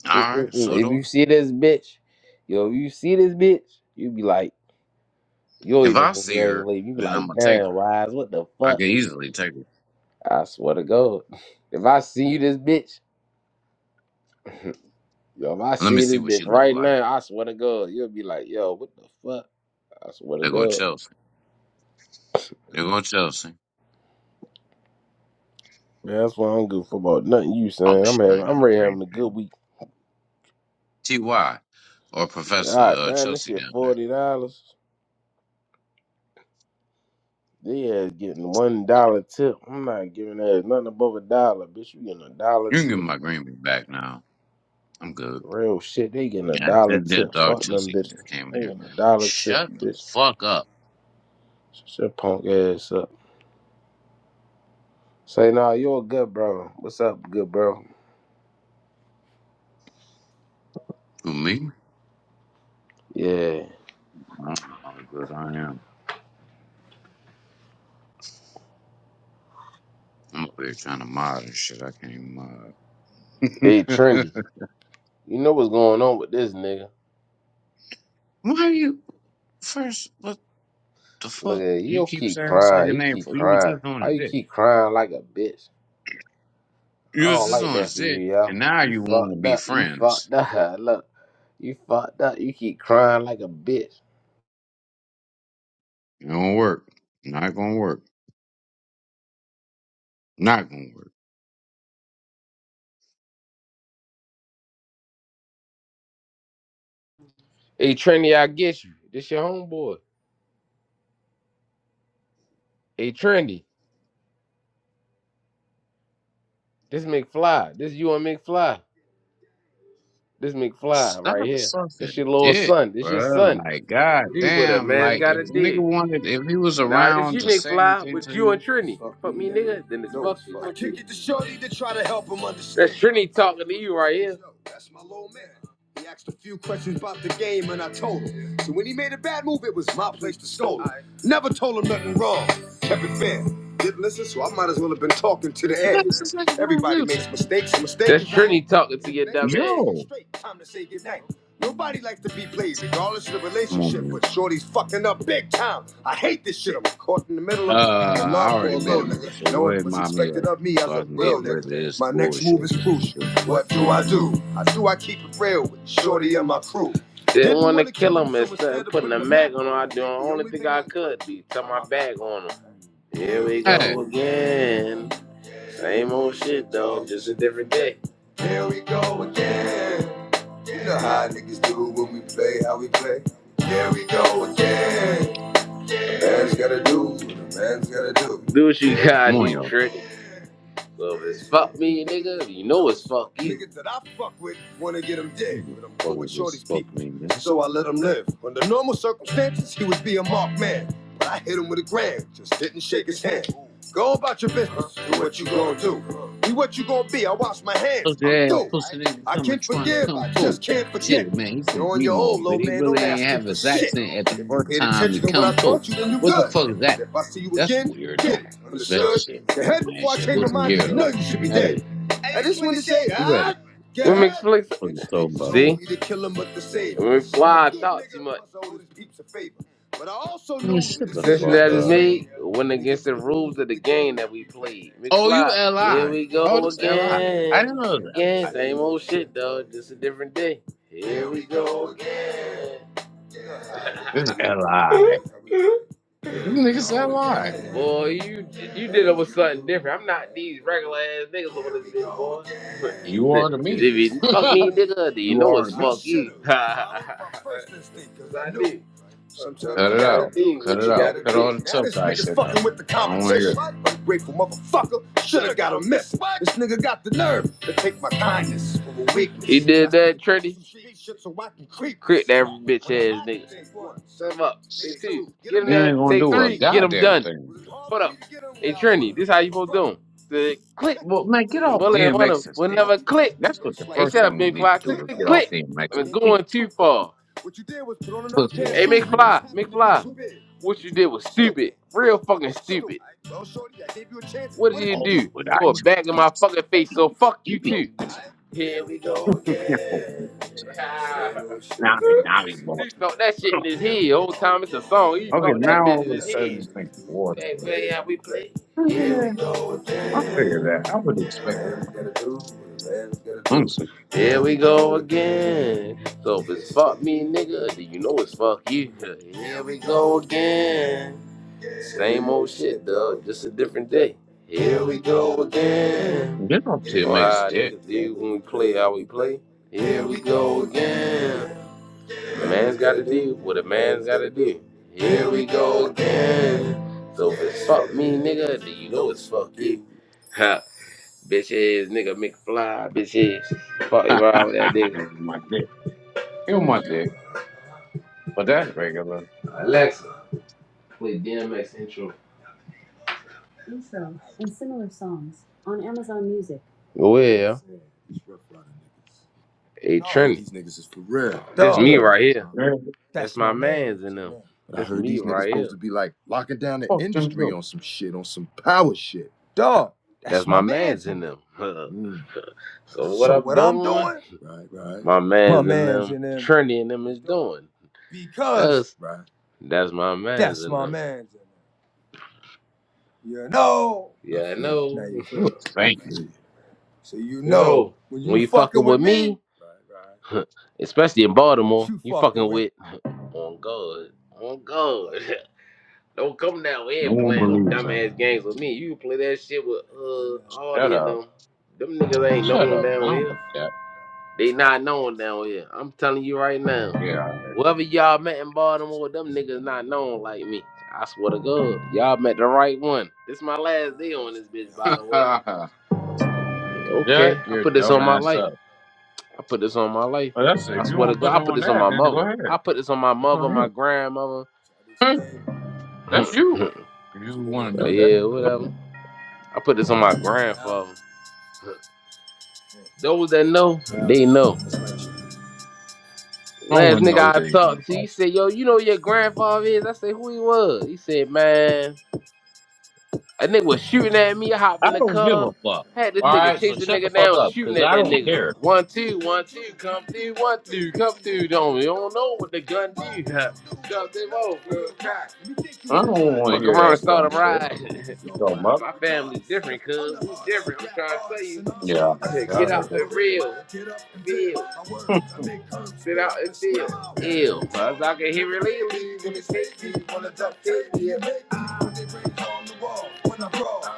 All right, Mm-mm-mm. so If do you I. see this bitch, yo, if you see this bitch, you be like, you'll If even I see her, congratulate. You be then I'm like, gonna take damn, her. wise, what the I fuck? can easily take her. I swear to God. If I see you this bitch, yo, if I Let me see see this what she bitch look right like. now, I swear to God, you'll be like, yo, what the fuck? I swear to There go God. Chelsea. There go Chelsea. Man, that's why I don't give a fuck about nothing you Oh saying. I'm shit, I having ain't got I'm no ready green having a good bean. week. Ty or All Professor right, uh, damn, this Chelsea shit down there. forty dollars. They ass getting one dollar tip. I'm not giving that nothing above a dollar, bitch. You getting a dollar You can give me tip. my green bean back now. I'm good. Real shit, they getting a And I dollar think that tip. dog Fuck them Chelsea bitches. came in They here. getting a dollar tip, Shut the bitch. fuck up. Shut your punk ass up. Say, nah, you a good bro. What's up, good bro? Who me? Yeah. I'm how good I am. I'm up here trying to mod and shit. I can't even mod. Hey, Trendy, you know what's going on with this nigga? Why are you first? What the Look fuck? at you You don't keep keep saying this crying. nigga He name keep for you was crying. just on Why his you dick. keep crying like a bitch? I You was don't just like on that his for you, dick, and yo. now You you want to fucked be up. You friends. fucked up. Look, you fucked up. You keep crying like a bitch. It don't work. Not gonna work. Not gonna work. Hey, Trendy, I get you. This your homeboy. Hey, Trendy, this McFly. This you and McFly. This McFly Stop right here. This sucking your little dick, son. This your bro. son. Like, You with it, goddamn. man. It's Like, got to if the nigga do. wanted, if he was Nah, this around you to say McFly, anything to but you and you, Trini. Fuck Fuck me, nigga. nigga. Then it's No, fuck you. I kick you. it to Shorty to try to help him understand. That's Trini talking to you right here. Yo, that's my little man. He asked a few questions about the game and I told him. So when he made a bad move, it was my place to scold him. Aight. Never told him nothing wrong. Kept it fair. Didn't listen, so I might as well have been talking to the why air. this nigga playing Everybody music? makes mistakes. Mistakes. That's Trini talking to your dumb ass. Yo, Time to say goodnight. Nobody likes to be played, regardless of the come on, relationship, man. but Shorty's fucking up big time. I hate this shit. I'm caught in the middle Uh, of having I love for already a made a low room, so nigga. No go one ahead, and was mop me up, expected of me so as I a can get real rid nigga. of this My next move bullshit is that he's crucial. doing. What do I do? I do I keep it real with Shorty and my crew. Didn't want to kill him so instead of putting a mag on him. I do the only thing I I could be. Put my bag on him. Here we Hey, go again. Same old shit though, just a different day. Here we go again. You know how niggas do when we play how we play. There we go again. Do. what you come gotta on, do, y'all. Trick. So if it's fuck me, nigga, you know it's fuck you. Niggas that I fuck with wanna get him dead, Mhm. but I'm Fuck cool with is this Shorty's fuck people, me, man. so I let him live. Under normal circumstances, he would be a marked man, but I hit him with a gram, just didn't shake his hand. Go about your business, do what you gonna do. Be what you gonna be, I wash my hands, Pussy I'm ass through. pussy nigga I coming can trying to forgive, come I through. just can't forget. Shit, man, he from You're on your B-more, own, but low he man. really Don't ain't ask me have for his shit. accent at the If you first paid time he attention to what come I through. taught you, then you What the good. fuck is that? And if I see you That's again, weird get though. it. That Understood? shit Your though, head man. before I Shit, change my boost some mind, gear 'cause you know though. you should be Hey, dead. I just want to say, you ready? God, Women God. explain. That's what you Instinct talking told about. See, me to kill him, but to save him. women I'm a fly. I good talk too nigga, much. plus I owe his peeps a favor. But I also I mean, knew the shut Decision the decision I fuck that is just up. made made went was against the the rules of the game that we played. Oh, you McFly, here Li? we Oh, go this Li. I didn't again. know this Again, Li. same old shit though, just a different day. Here we go again. This Li. This nigga's Li. Boy, you you did it with something different. I'm not these regular ass niggas over this bitch, boy. You are to if me. you fuck me, nigga, then you you know are it's to me. fuck you. Cause I did. Sometimes Cut you it gotta out. do Cut what it you out. gotta Cut all do. the Now tough this guy nigga's shit out. fucking with the I don't want to hear it. competition. Ungrateful motherfucker. Should've got a miss. This nigga got the nerve to take my kindness for a weakness. He did that, Trinity. So I can creep. Crit that bitch ass nigga. Shut him up. Take two. Get him You there. ain't gonna Take do a three. Get him goddamn done. thing. Hold up. Hey Trini. this how you supposed to do 'em. The click. Well, man, get The off bullet in one of them DMX's will dick. never click. That's what the Hey, first shut up, thing you Big need to Fly. do Click, is click, get off click. I'm DMX's dick. going too far. What you did was put on another pair. Pussy Hey, ass Big nigga. Fly, Big Fly. What you did was stupid. Real fucking stupid. What did you Oh, do? what I Throw a took bag for in my this. fucking face, He so fuck you be too. Here we go kicking again. for me. Ah. Now they, now they bought He felt that shit me. in his head. Whole time it's a song. He Okay, felt that now bitch all in of a his sudden this head. nigga water. That way how we play. Oh, yeah, I'll figure that. I would expect that from him. Honestly, Here we go again. So if it's fuck me, nigga, then you know it's fuck you. Here we go again. Same old shit, dog. Just a different day. Here we go again. get up again. to You your know next how dick, niggas bro. do when we play how we play. Here we go again. A man's gotta do what a man's gotta do. Here we go again. So if it's fuck me, nigga, then you know it's fuck you. Yeah. Bitch ass nigga McFly, bitch ass. Fuck you around with that nigga. my dick. You my dick, but that's regular. Alexa, play DMX intro. Intro and similar songs on Amazon Music. Well, hey Trinity. These niggas is for real. that's What me it right is. here. Man, That's that's my man's in them. But I heard these niggas right supposed here. to be like locking down the fuck them industry people. on some shit, on some power shit. Dog, That's that's my my man's in them. mm. So what So I'm what doing, I'm doing, Right, right, my man's, my man's and them, in Trinity and them is doing. because Cause right. that's my man's that's and my them. man's in them. You know. Yeah, I see. Now know. you feel You me? a fake. So you know know, when you when you fucking fucking with with me, me, especially in Baltimore, you you fucking fucking with with on God, on God. Don't come down No here one playing no believes that. dumbass games with me. You play that shit with you uh Shut Audie and up. them. Them niggas ain't Shut known up. I down don't here. believe that. They not known down here. I'm telling you right now. Yeah. Whoever y'all met in Baltimore, them niggas not known like me. I swear to God, y'all met the right one. This my last day on this bitch, by the way. Okay, shut I your put this dumb on my ass up. life. I put this on my life. Well, that's if I you swear to want to put God, it I put on this on that, my then go mother. ahead. I put this on my That's mother, on my you. grandmother. Hmm, That's but you. If you want to do that, yeah, go whatever. ahead. I put this on my grandfather. Those that know, they know. No Last one nigga knows I anything talked to, he about you. said, "Yo, you know who your grandfather is?" I said, "Who he was?" He said, "Man." A nigga was shooting at me. I hopped I in the don't give a car. fuck. Had this All nigga right, chase so the shut the nigga fuck down, up, shooting cause at I that don't care. nigga. One, two, one, two, come through, one, two, come through. Don't you don't know what the gun do. Drop them off, girl. cock. I don't want to Fuck hear around and that dumb start a shit. ride. You talking about? My family's different, cuz. We different. I'm trying to tell Yeah, I heard, you. I to Get heard out that and before. real. Feel. Hmm, Sit out and feel. Ill. Cause I can hear it lately. When it's safety, wanna duck safety.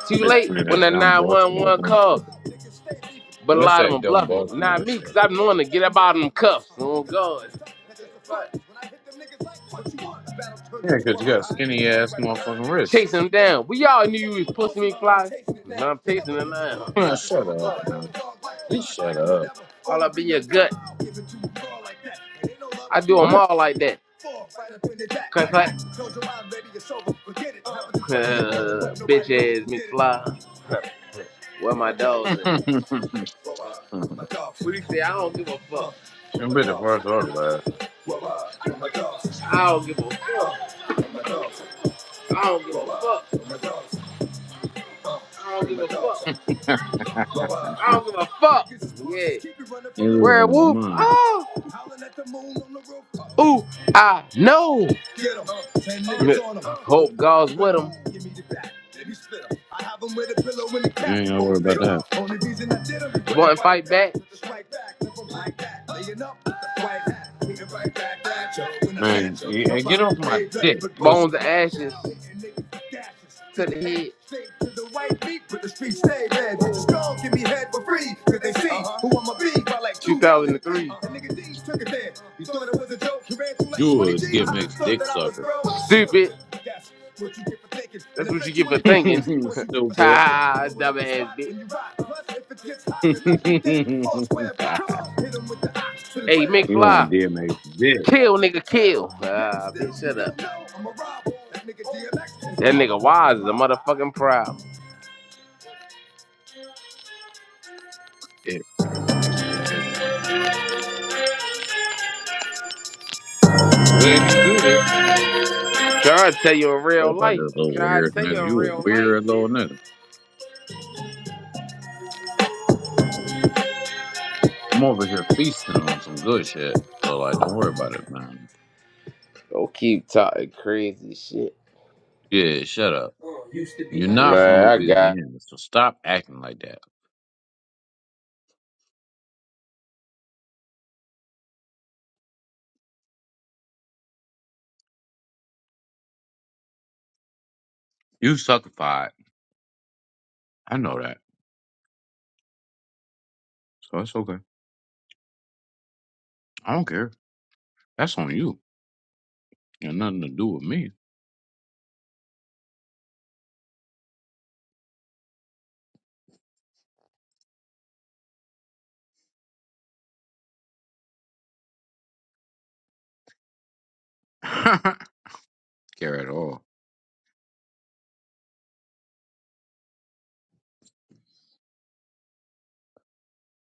Too That's late one of when that that dumb Baltimore 911 dumb call. shit. But a That's lot of that them are dumb bluffing. Not Baltimore me, shit. because I'm knowing to get up out of them cuffs. Oh, God. Yeah, cause you got skinny ass motherfucking wrists. Chase him down. We all knew you was pussy me fly. Now I'm chasing him down. Huh, shut up, man. Just shut up. All up in your gut. I do them What? all like that. Cause like, bitch ass me fly Where my dogs at? What do you say? I don't give a fuck. I don't I'm bit the first give or the last. a fuck. I don't give a fuck. I don't give a fuck. I don't give a fuck. You Yeah. losing his Werewolf. mind. Oh. Ooh, I know. Hope God's with him. I have him with a pillow when the You ain't casket gotta worry won't fit. about that. Only reason I did him. Want to fight back? Fight back. Like that. Laying up with the white hat. Right back at you. When I Man, snatch you, hey, get off my dick, you. Bones pussy. and ashes to the head. To the white meat, but the streets say dead. Strong give me head for free, cause they see who I'ma be by like 2003. nigga D took it there. You thought it was a joke, you ran through like You 20 a G's. D M X Thought dick that I was sucker. broke. Stupid. That's what you get for thinking. That's what you get for thinking. Stupid. Ha, dumbass bitch. you Hey, on McFly. DMX dick. Kill, nigga, kill. Ah, bitch, shut up. That nigga wise is a motherfucking problem. Dick. So letting you do this. I'm Trying to tell you in Worry real about life. this I'm little trying to weird tell nigga. you in You a real life, weird nigga. little nigga. I'm over here feasting on some good shit. So like don't worry about it, man. Don't keep talking crazy shit. Yeah, shut up. You're not from Man, I got. Louisiana, so stop acting like that. You suckified. I know that. So it's okay. I don't care. That's on you. Got nothing to do with me. care at all.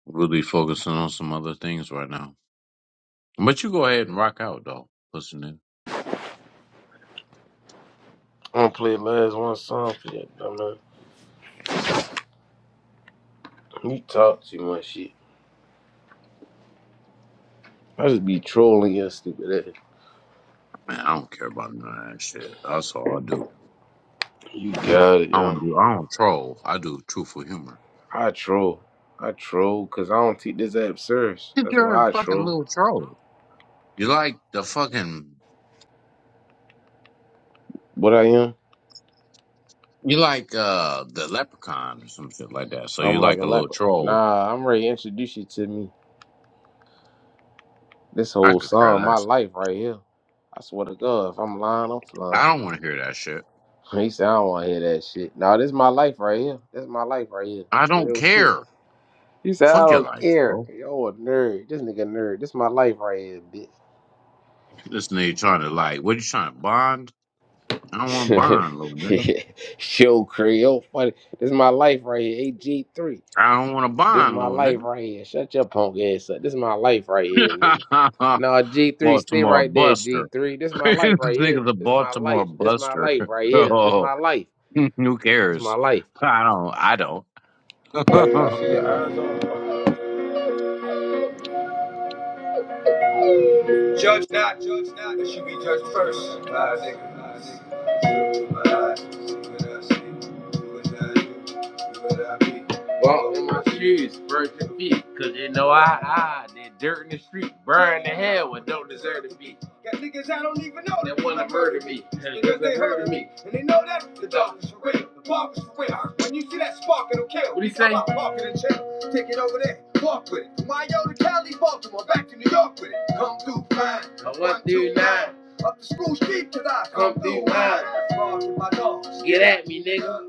Really focusing on some other things right now. But you go ahead and rock out though, Listen, nigga. I'm gonna play last one song for that, dumbass. You talk too much shit. I just be trolling your stupid ass. Man, I don't care about none of that shit. That's all I do. You got it, I yo. don't do. I don't troll. I do truthful humor. I troll. I troll because I don't take this app serious. That's You're a why I fucking troll. little troll. You like the fucking. What I am? You like uh the leprechaun or some shit like that. So you I'm like like a a little leopard. troll. Nah, I'm ready to introduce you to me. This I whole could care song, my less. life right here. I swear to God, if I'm lying, I'm flying. I don't want to hear that shit. He said, I don't want to hear that shit. Nah, this my life right here. This my life right here. I don't Real shit. care. He said, I Fuck your don't life, care. bro. Yo, a nerd. This nigga nerd. This my life right here, This nigga trying to like, what you trying to bond? I don't want to bitch. bond, little nigga. Yo, crazy. Yo, funny. This my life right here. AG3. I don't want to This bond, my little life right here. Shut your punk ass up. This my life right here, nigga. nigga. No, G three, stay Baltimore right there, G Buster. three. This is my this life right here. nigga's a This is my Baltimore life. This is my life Buster. right here. This is oh, my life. who This is my cares? life. I don't. I don't. Judge not, judge not, that you be judged first. Five, Walk in my shoes, virgin feet, cause you know I hide that dirt in the street, burn the hell what don't deserve to be. Got niggas I don't even know that wanna murder me, niggas they heard of me, and they know that the dog is for real, the bark is for real. When you see that spark, it'll kill. What do you say? Walk in the chill, take it over there, walk with it. From Mayo to Cali, Baltimore, back to New York with it. Come through fine, I went through nine. Up the school sheep till I Come come through mine. Get at me, nigga.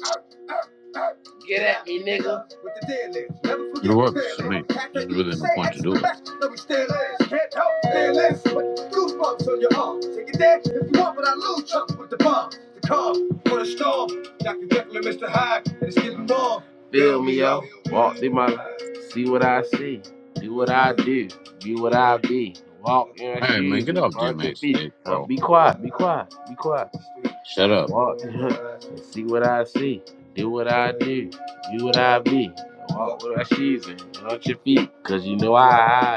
Get at me, nigga. With the dead lips. Never it forget what real works is. to me. The cat There's that used really to no say point X to is the do it. best. Let we still is. Can't help fearless. But goosebumps on your arm. Take it there if you want, but I lose chunks with the bomb. The calm for the storm. Dr. Jekyll and Mr. Hyde. And it's getting warm. Feel me, yo. Walk through my life. See what I see. Do what I do. Be what I be. Walk in my Hey man, shoes get and off punch your DMX feet. today, Uh, bro. be quiet, be quiet, be quiet. Shut up. Walk and see what I see. Do what I do. Be what I be. Walk with my shoes and out your feet. Cause you know I,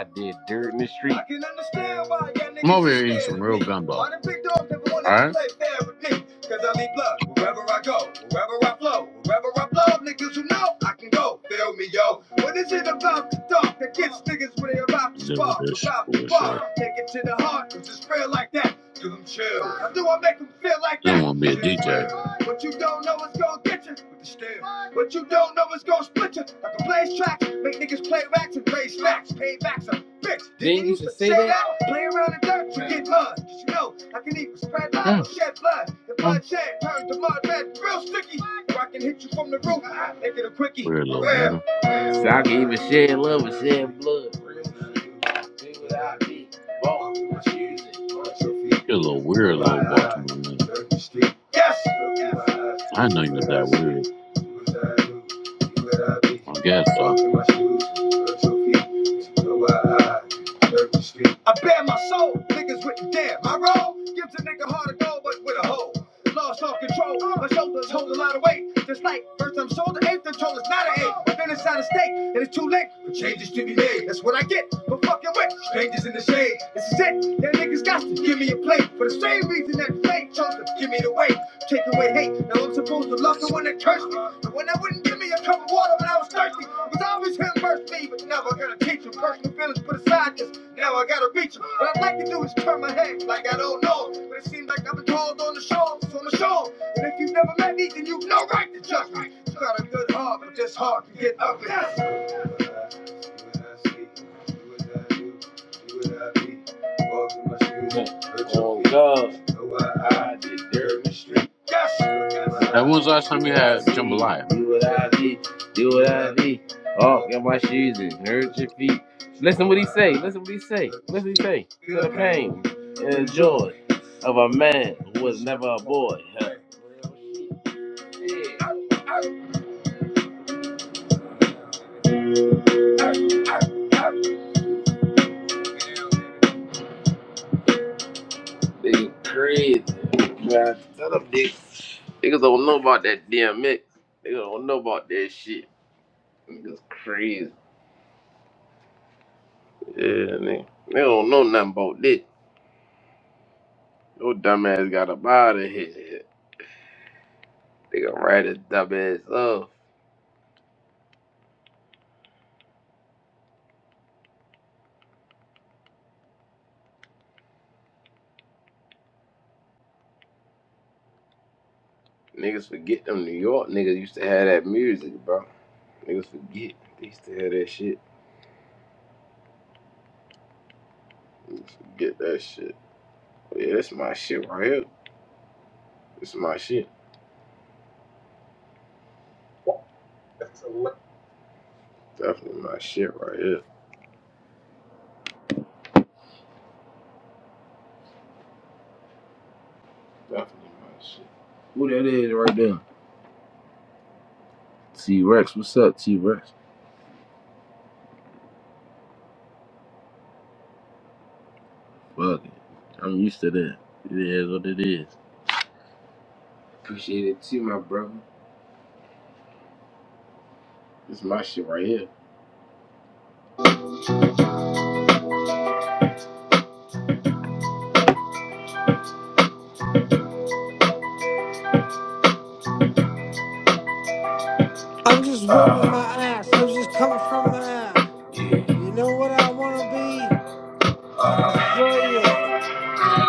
I did dirt in the street. I can understand why y'all I'm niggas is over here eating scared some of me. real gumbo. And All why the big dog never wanted to right. play fair with me. Cause I leave blood wherever I go, wherever I flow, wherever I blow. Niggas who know I can go. Feel me, yo. What is it about the dark that gets niggas when they about to And deal with spark, this about to bullshit. bark? Take it to the heart, cause it's real like that. Give them chills. I do I make them feel like Then that? won't be a Shit is DJ. real. What you don't know is gonna get you with the steel. What you don't know is gonna split you. I can blaze tracks, make niggas play racks and raise facts. Paybacks are bitch. Didn't you just say that? that? Play around in dirt, you get mud. Just you know, I can even spread Yeah. lava, shed blood. And Well, bloodshed turns to mud red, real sticky. Or I can hit you from the roof, I make it a quickie, weird for little real. nigga. So I can even shed love and shed blood. Be what I be. Walk, what you using, on your feet. You're a little weird, So I, little Baltimore I nigga. lurk the street. Yes! Look my eyes, I didn't see know you was what I that see. weird. Do what I do, be what I be. I guess so. Walk in my shoes, hurt your feet. So know I, I the street. I bare my soul, niggas wouldn't dare. My role gives a nigga hard to go, but with a hole. Lost all control, my shoulders hold a lot of weight. Just like first time shoulder ache, the control not an ache. But then it's out of state, and it's too late for changes to be made. That's what I get for fucking with strangers in the shade. This is it. Them niggas got to give me a plate for the same reason that fake chose to give me the weight. Take away hate. Now I'm supposed to love the one that cursed me. The one that wouldn't give me a cup of water when I was thirsty. It Was always him versus me, but now I gotta teach him. Personal feelings put aside, cause now I gotta reach him. What I'd like to do is turn my head like I don't know. him. But it seems like I've been told on the show, so I'm a show. And if you've never met me, then you've no right to judge me. You got a good heart, but this heart can get ugly. Yes. Do what I see, do what I do, do what I be. Yeah. Oh God, Know I did dirt me street. yes. my Hey, when eyes, was the last See time you what I had see, jambalaya? do what I need, do what I need. Oh, got my shoes and hurt your feet. Listen what he say. Listen what he say. Listen what he say. Feel the pain and the joy of a man who was never a boy. Huh. Yeah, They crazy, man. Tell them niggas. Niggas don't know about that DMX. Niggas don't know about that shit. Niggas crazy. Yeah, nigga. They don't know nothing about this. Your dumb ass got up out of here. Nigga, write his dumb ass up. Niggas forget them New York niggas used to have that music, bro. Niggas forget. They used to have that shit. Niggas forget that shit. But yeah, that's my shit right here. This is my shit. That's a lot. Definitely my shit right here. Definitely my shit. Who that is right there? T Rex. What's up, T Rex? Fuck it. I'm used to that. It is what it is. Appreciate it too, my brother. This is my shit right here. I'm just wiggling my Uh, ass. I'm just coming from my ass. yeah. You know what I want to be? Uh, Australia.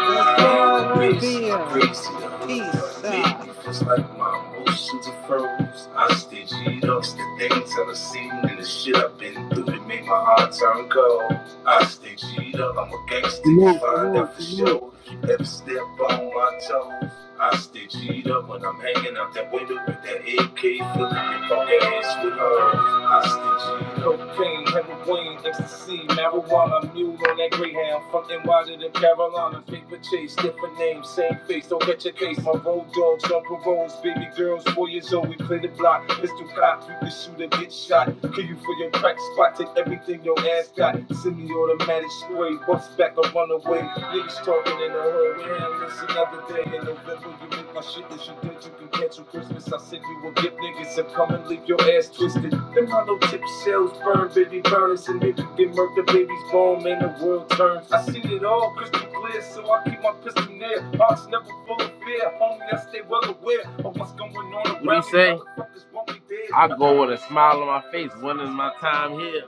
That's where I the want to bass, be. I'm Uh, crazy. The hood peace. done made Uh, me feels like my emotions are froze. I stitch it up, the things I've seen and the shit I've been through. It made my heart turn cold. I stitch it up, I'm a gangster. You Salute, find salute, out for salute. sure if you ever step on my toes. I stitch it up when I'm hanging out that window with that AK, feeling your punk ass with her. hostage. Cocaine, heroin, ecstasy, marijuana, mule on that greyhound. Fucking NY to the Carolina, paper chase, different name, same face. Don't catch your case. My road dogs, on paroles, baby girls, four years old. We play the block. Pistol cops, you can shoot or get shot. Kill you for your crack spot. Take everything your ass got. Semi-automatic spray, bust back or run away. Niggas talking in the hood. Man, it's another day in November. You make my shit that you did. You can cancel Christmas. I send you a gift, niggas. And come and leave your ass twisted. Them hollow tip shells burn, baby burners, and if you get murked, the baby's bone, man, the world turns. I seen it all crystal clear, so I keep my pistol near. Hearts never full of fear, homie, I stay well aware of what's going on What he say? I go with a smile on my face, winning my time here.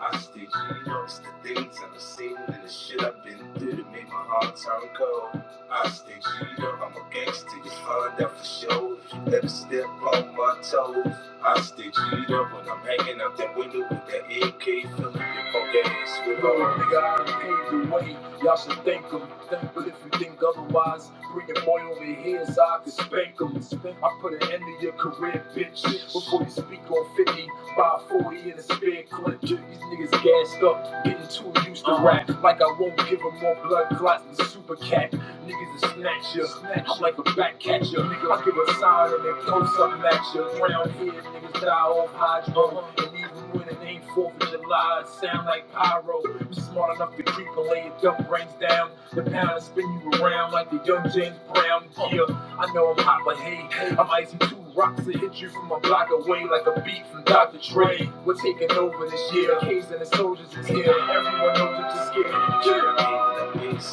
I stay G, you know, it's the things I've seen and the shit I've been through that made my heart turn cold. I stay keyed up, I'm a gangster, you find that for sure. Never step on my toes. I stay keyed up when I'm hanging out that window with that AK, feeling your punk ass with Lord, all nigga, I done paved the way. Y'all should thank him. But if you think otherwise, bring your boy over here so I can spank him. I put an end to your career, bitch. Before you speak on 50, buy 40 in a spare clip. These niggas gassed up, getting too used to rap. Like I won't give 'em more blood clots than Super Cat. Niggas will snatch ya, I'm like a back catcher. Nigga, I give a sign and then post up at ya. Round here, niggas die off hydro. And even when it ain't 4th of July, it sound like pyro. I'm smart enough to creep and lay your dumb brains down. The pound and spin you around like the young James Brown. Yeah, I know I'm hot, but hey, I'm icy too. Rocks that hit you from a block away like a beat from Dr. Dre. We're taking over this year. K's and the soldiers is here. Everyone knows that you're scared. Feels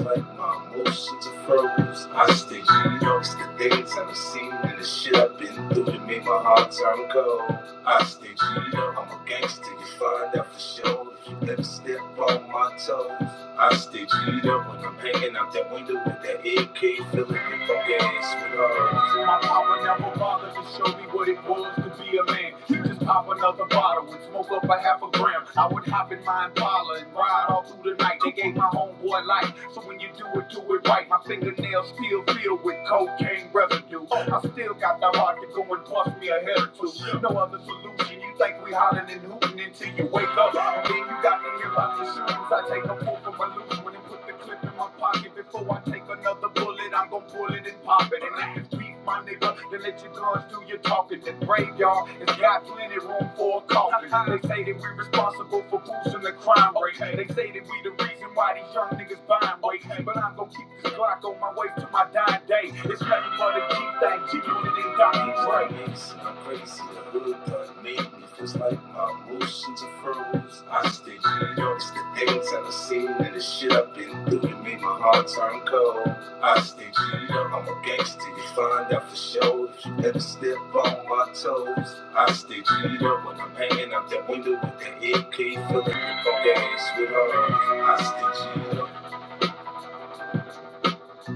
like my emotions are froze. I stick to New York's the days I've seen and the shit I've been through that made my hard time cold. I stick to New York, I'm a gangster, you find out for sure. If you ever step on my toes. I stay g up when I'm hanging out that window with that AK, feeling it from gas with her. My papa never bothered to show me what it was to be a man. He just pop another bottle and smoke up a half a gram. I would hop in my Impala and ride all through the night. They gave my homeboy life, so when you do it, do it right. My fingernails still filled with cocaine residue. I still got the heart to go and bust me a head or two. No other solution. You think we hollering and hooting until you wake up. And then you got to hear about empty shoes. I take a pull from my loose one and put the clip in my pocket. Before I take another bullet, I'm gon' pull it and pop it. And if it's beef, my nigga, then let your guns do your talking. This graveyard has got plenty room for a coffin. They say that we're responsible for boosting the crime rate. They say that we the reason why these young niggas buying weight. But I'm gon' keep this Glock on my way to my dying day. It's ready for the G thing, G unit and Donnie Dre. I'm crazy, the hood thug made me. Feels like my emotions are furrowed I stick to New York, skip things I done seen, and the shit I've been through to make my heart turn cold. I stick to New York, I'm a gangster, you find out for sure if you ever step on my toes. I stick to New York when I'm hanging out that window with that AK, feeling the punk ass with her. I stick to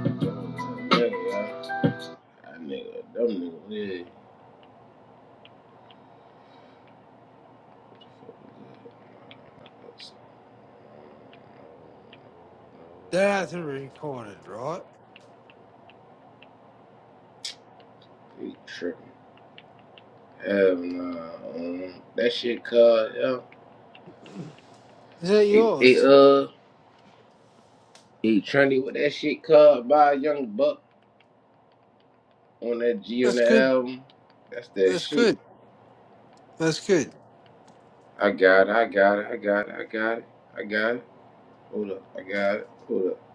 New York. Yeah, yeah. That nigga, them niggas, yeah. that has to be recorded, right? He tripping. Hell no. Um, that shit called, yo. Is that It, it yours? uh, he trendy with that shit called by Young Buck on that G on That's the good. album. That's that That's shit. good. That's good. I got it, I got it, I got it, I got it, I got it. Hold up, I got it, hold up.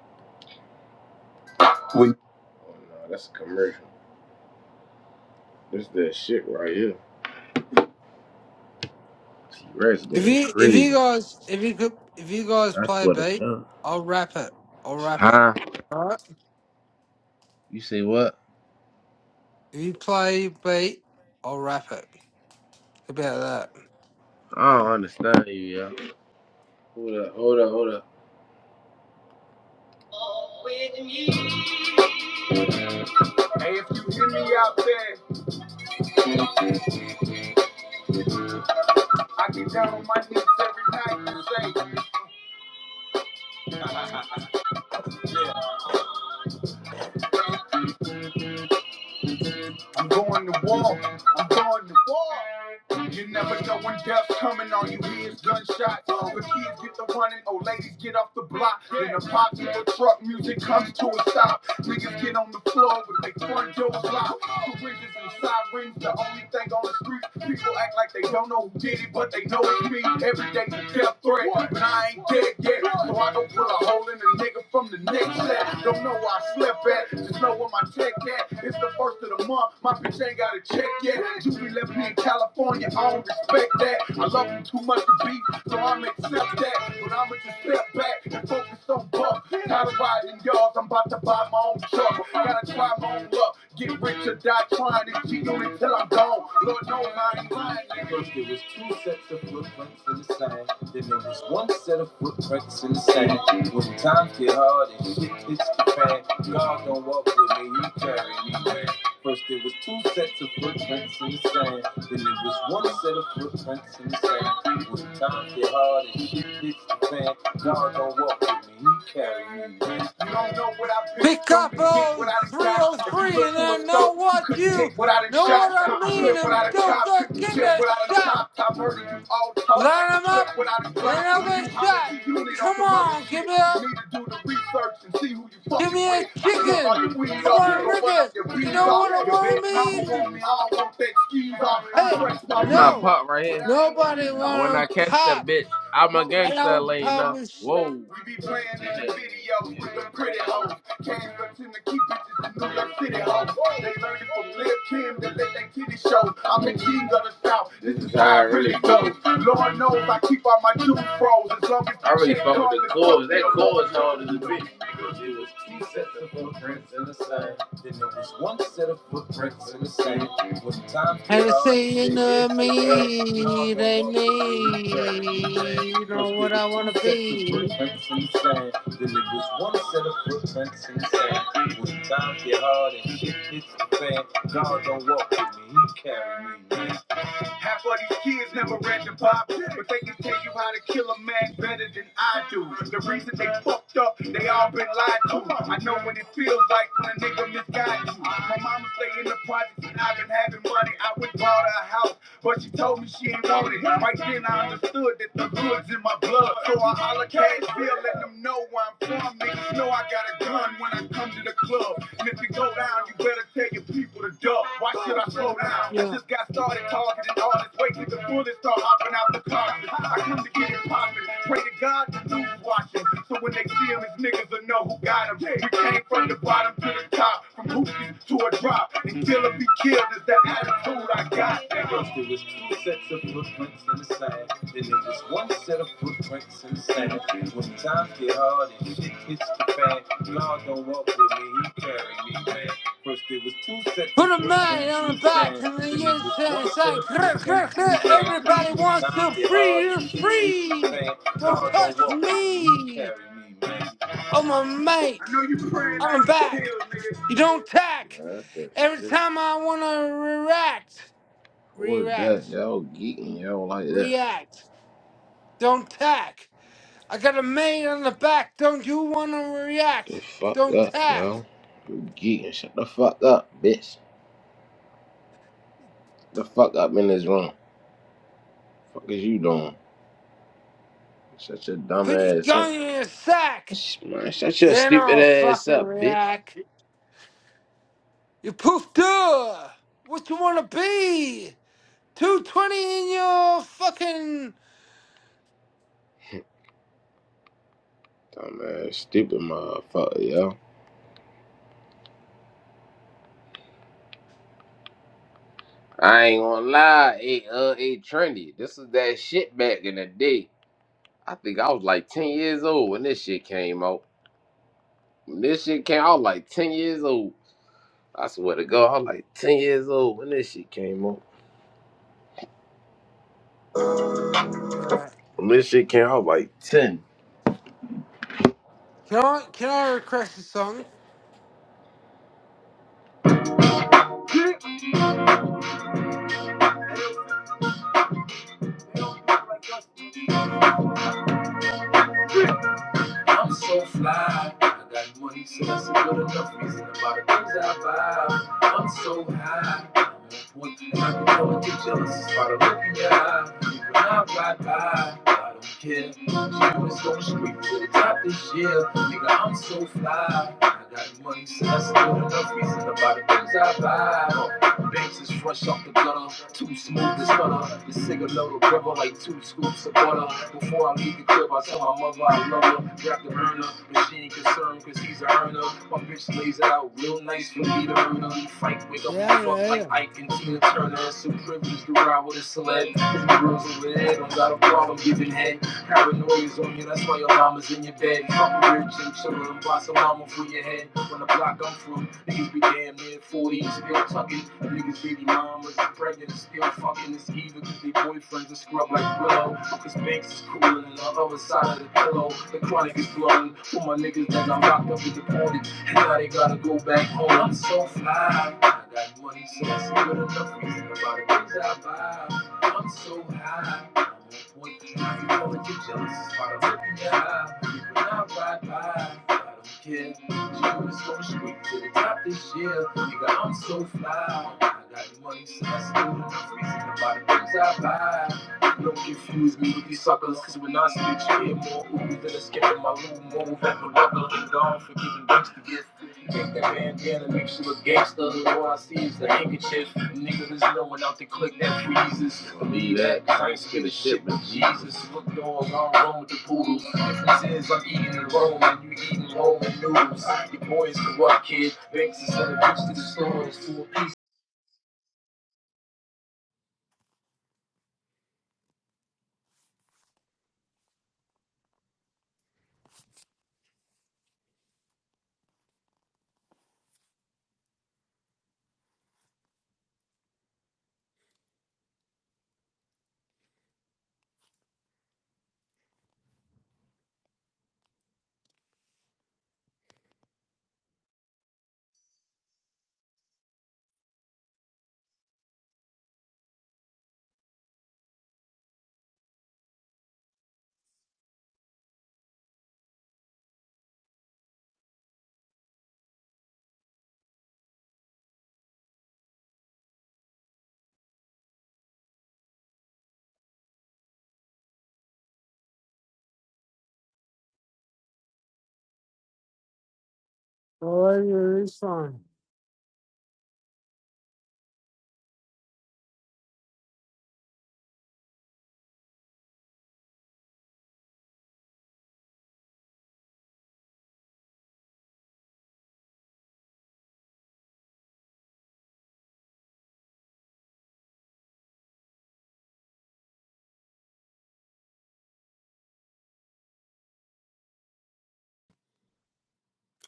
Oh no, that's a commercial. This that shit right here. T Rex If going you if crazy. you guys if you could if you guys I play swear to beat, God. I'll rap it. I'll rap it. Huh? All right. You say what? If you play beat, I'll rap it. How about that? I don't understand you, yo. Hold up, hold up, hold up. Hey, if you hear me out there, I get down on my knees every night and say, yeah. I'm going to war. I'm going to war. You never know when death's coming on you. Here's gunshots. The kids get the running. Old ladies get off the block. Then the pops in the truck. Music comes to a stop. Niggas get on the floor with their front doors locked. Bridges and sirens, the only thing on the street. People act like they don't know who did it, but they know it's me. Every day's a death threat, but I ain't dead yet. So I don't put a hole in a nigga from the next set. Don't know where I slept at, just know where my check at. It's the first of the month, my bitch ain't got a check yet. Julie left me in California, I don't respect that. I love you too much to be, so I'm accept that. But I'ma just step back and focus on buck. Tired of riding yards, I'm about to buy my own truck. Gotta try my own luck. Get rich or die trying to cheat on until I'm gone. Lord knows I ain't lying. First there was two sets of footprints in the sand. Then there was one set of footprints in the sand. When times get hard and shit hits the fan, God don't walk with me, he carry me, man. First there was two sets of footprints in the sand. Then there was one set of footprints in the sand. When times get hard and shit hits the fan, God don't walk with me, he carry me, man. You don't know what I've been Pick through up to get those what I done got. If you 303 look and through I a know scope, you what couldn't you hit without a know what shot. I Couldn't mean. flip I'm without a don't cop. go Couldn't get tip a without a shot. top. Top murder you all talk Line like 'em a clip up, without a then drop. I'll When you get holler shot. to unit on Come some other on, give shit, me up. you need to do the research and see who you Give fucking me a with. I smoke all chicken. your weed I up. want a Go run up ricket. your You weeds know off. what I Your baby want to mama mean? want me. I don't want that skis off. Hey, That's my no, pop right here. nobody When want I to catch that pop. bitch, I'm a I gangster, don't Lena. publish. Whoa. We be playing in the videos with the pretty hoes. Cash reps in the key bitches in New York City, ho. They learning from Lil' Kim to let their titty show. I'm the king of the South, this is how it really goes. Lord knows I keep all my juice froze as long as I really fuck with the chords. That chords hard as a bitch, man. What it And it's saying to me, they mean, he carry me, man. me, you know First there what was I want to two sets of be. footprints in the sand. Then there was one set of footprints in the sand. When times get hard and shit hits the fan, God don't walk with me, he carry me, man. Half of these kids never read the Bible, but they can tell you how to kill a man better than I do. The reason they fucked up, they all been lied to. I know what it feels like when a nigga misguided you. My mama stay in the projects and I've been having money. I would bought her a house, but she told me she ain't want it. Right then I understood that the hood's in my blood. So I holler cash bill, let them know where I'm from. Niggas know I got a gun when I come to the club. And if you go down, you better tell your people to duck. Why should I slow down? I Yeah. just got started talking and all this weight to the fullest start hopping out the coffin. I come to get it poppin'. Pray to God the news watching. So when they see him, his niggas will know who got him. We came from the bottom to the top, from hoopies to a drop. And kill or be killed is the attitude I got. Put a man on the back It's and then you say, say "Grr, grr, grr, everybody the wants to free you free. same. Don't God don't touch want to me. carry me, man. I'm a mate. I know you praying I I'm get back. killed, nigga. You don't tack. Man, that's that Every shit. time I want to react, What is react, that? Y'all geeking, y'all like that. react. Don't tack. I got a mate on the back. Don't you want to react? Get The fuck Don't up, tack. y'all. You geeking. Shut the fuck up, bitch. Shut the fuck up in this room. Fuck is you doing? Shut your dumb Put your ass gun up. in your sack. Sh- Man, shut your Then stupid I'll ass fucking up, bitch. react. You poofed up. What you wanna be? Two twenty in your fucking. Dumb ass, stupid motherfucker, yo. I ain't gonna lie, it uh it trendy. This is that shit back in the day. I think I was like 10 years old when this shit came out. When this shit came out, I was like 10 years old. I swear to God, I was like 10 years old when this shit came up. Alright. When this shit came out, I was like 10. Can I can I request a song? I'm so fly. I got money, so that's a good enough reason about the things I buy. I'm so high. I'm I can tell what you jealous is by the look in your eye. When I ride by, I don't care. You was going straight to the top this year. Nigga, I'm so fly. I got money, so that's a good enough reason about the things I buy. Banks is fresh off the gutter, too smooth to stutter. The cigarette river like two scoops of butter. Before I leave the crib, I tell my mother I love her. Grab the burner, but she ain't concerned cause he's a earner. My bitch lays it out real nice for me to earn her. Frank wake You up and haven't fuck heard like 'em. Ike and Tina Turner. It's a privilege to ride with a celeb. These girls over there don't got a problem giving head. Paranoia's on you, that's why your mama's in your bed. Fucking rich and chillin' and boss a mama for your head. When the block I'm from, niggas be damn near 40 and still tucking. And niggas baby mamas are pregnant and still fucking. It's either 'cause they boyfriends are scrub like Willow. Cause Banks is coolin' on the other side of the pillow. The chronic is blowin' for my niggas that I'm locked up and deported. And now they gotta go back home. I'm so fly. I got money, so that's good enough reason about it. Things I buy. I'm so high. One thing I be going you jealous is by the look in your eye. When I ride by, I don't care. June is going straight to the top this year. Nigga, I'm so fly. I got the money, so I still don't freezing about the body. things I buy. Don't confuse me with these suckers, cause when I speak, you hear more ooh than a skip in my room. Move at the rubber, the dog for giving gangster gift. Take that bandana, make she look gangster. All I see is the handkerchief. The Nigga, there's no one out the click that freezes. Believe that, cause I ain't scared of shit, but Jesus. Look, dog, I'm wrong with the poodle. Difference is, I'm eating in Rome, and you eating Roman noodles. Your boy is corrupt, kid. Banks is sending boots to the stores. Two I'll leave you with this one.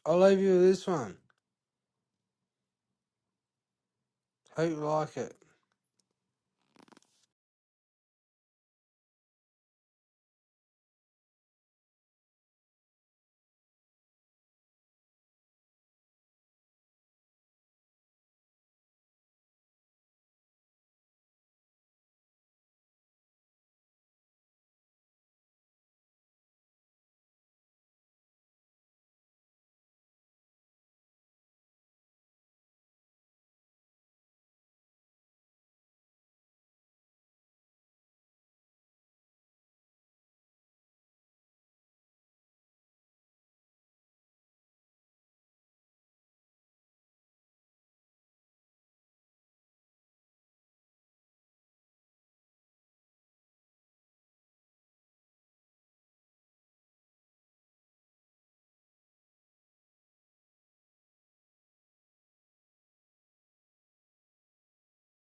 I'll leave you with this one. Hope you like it.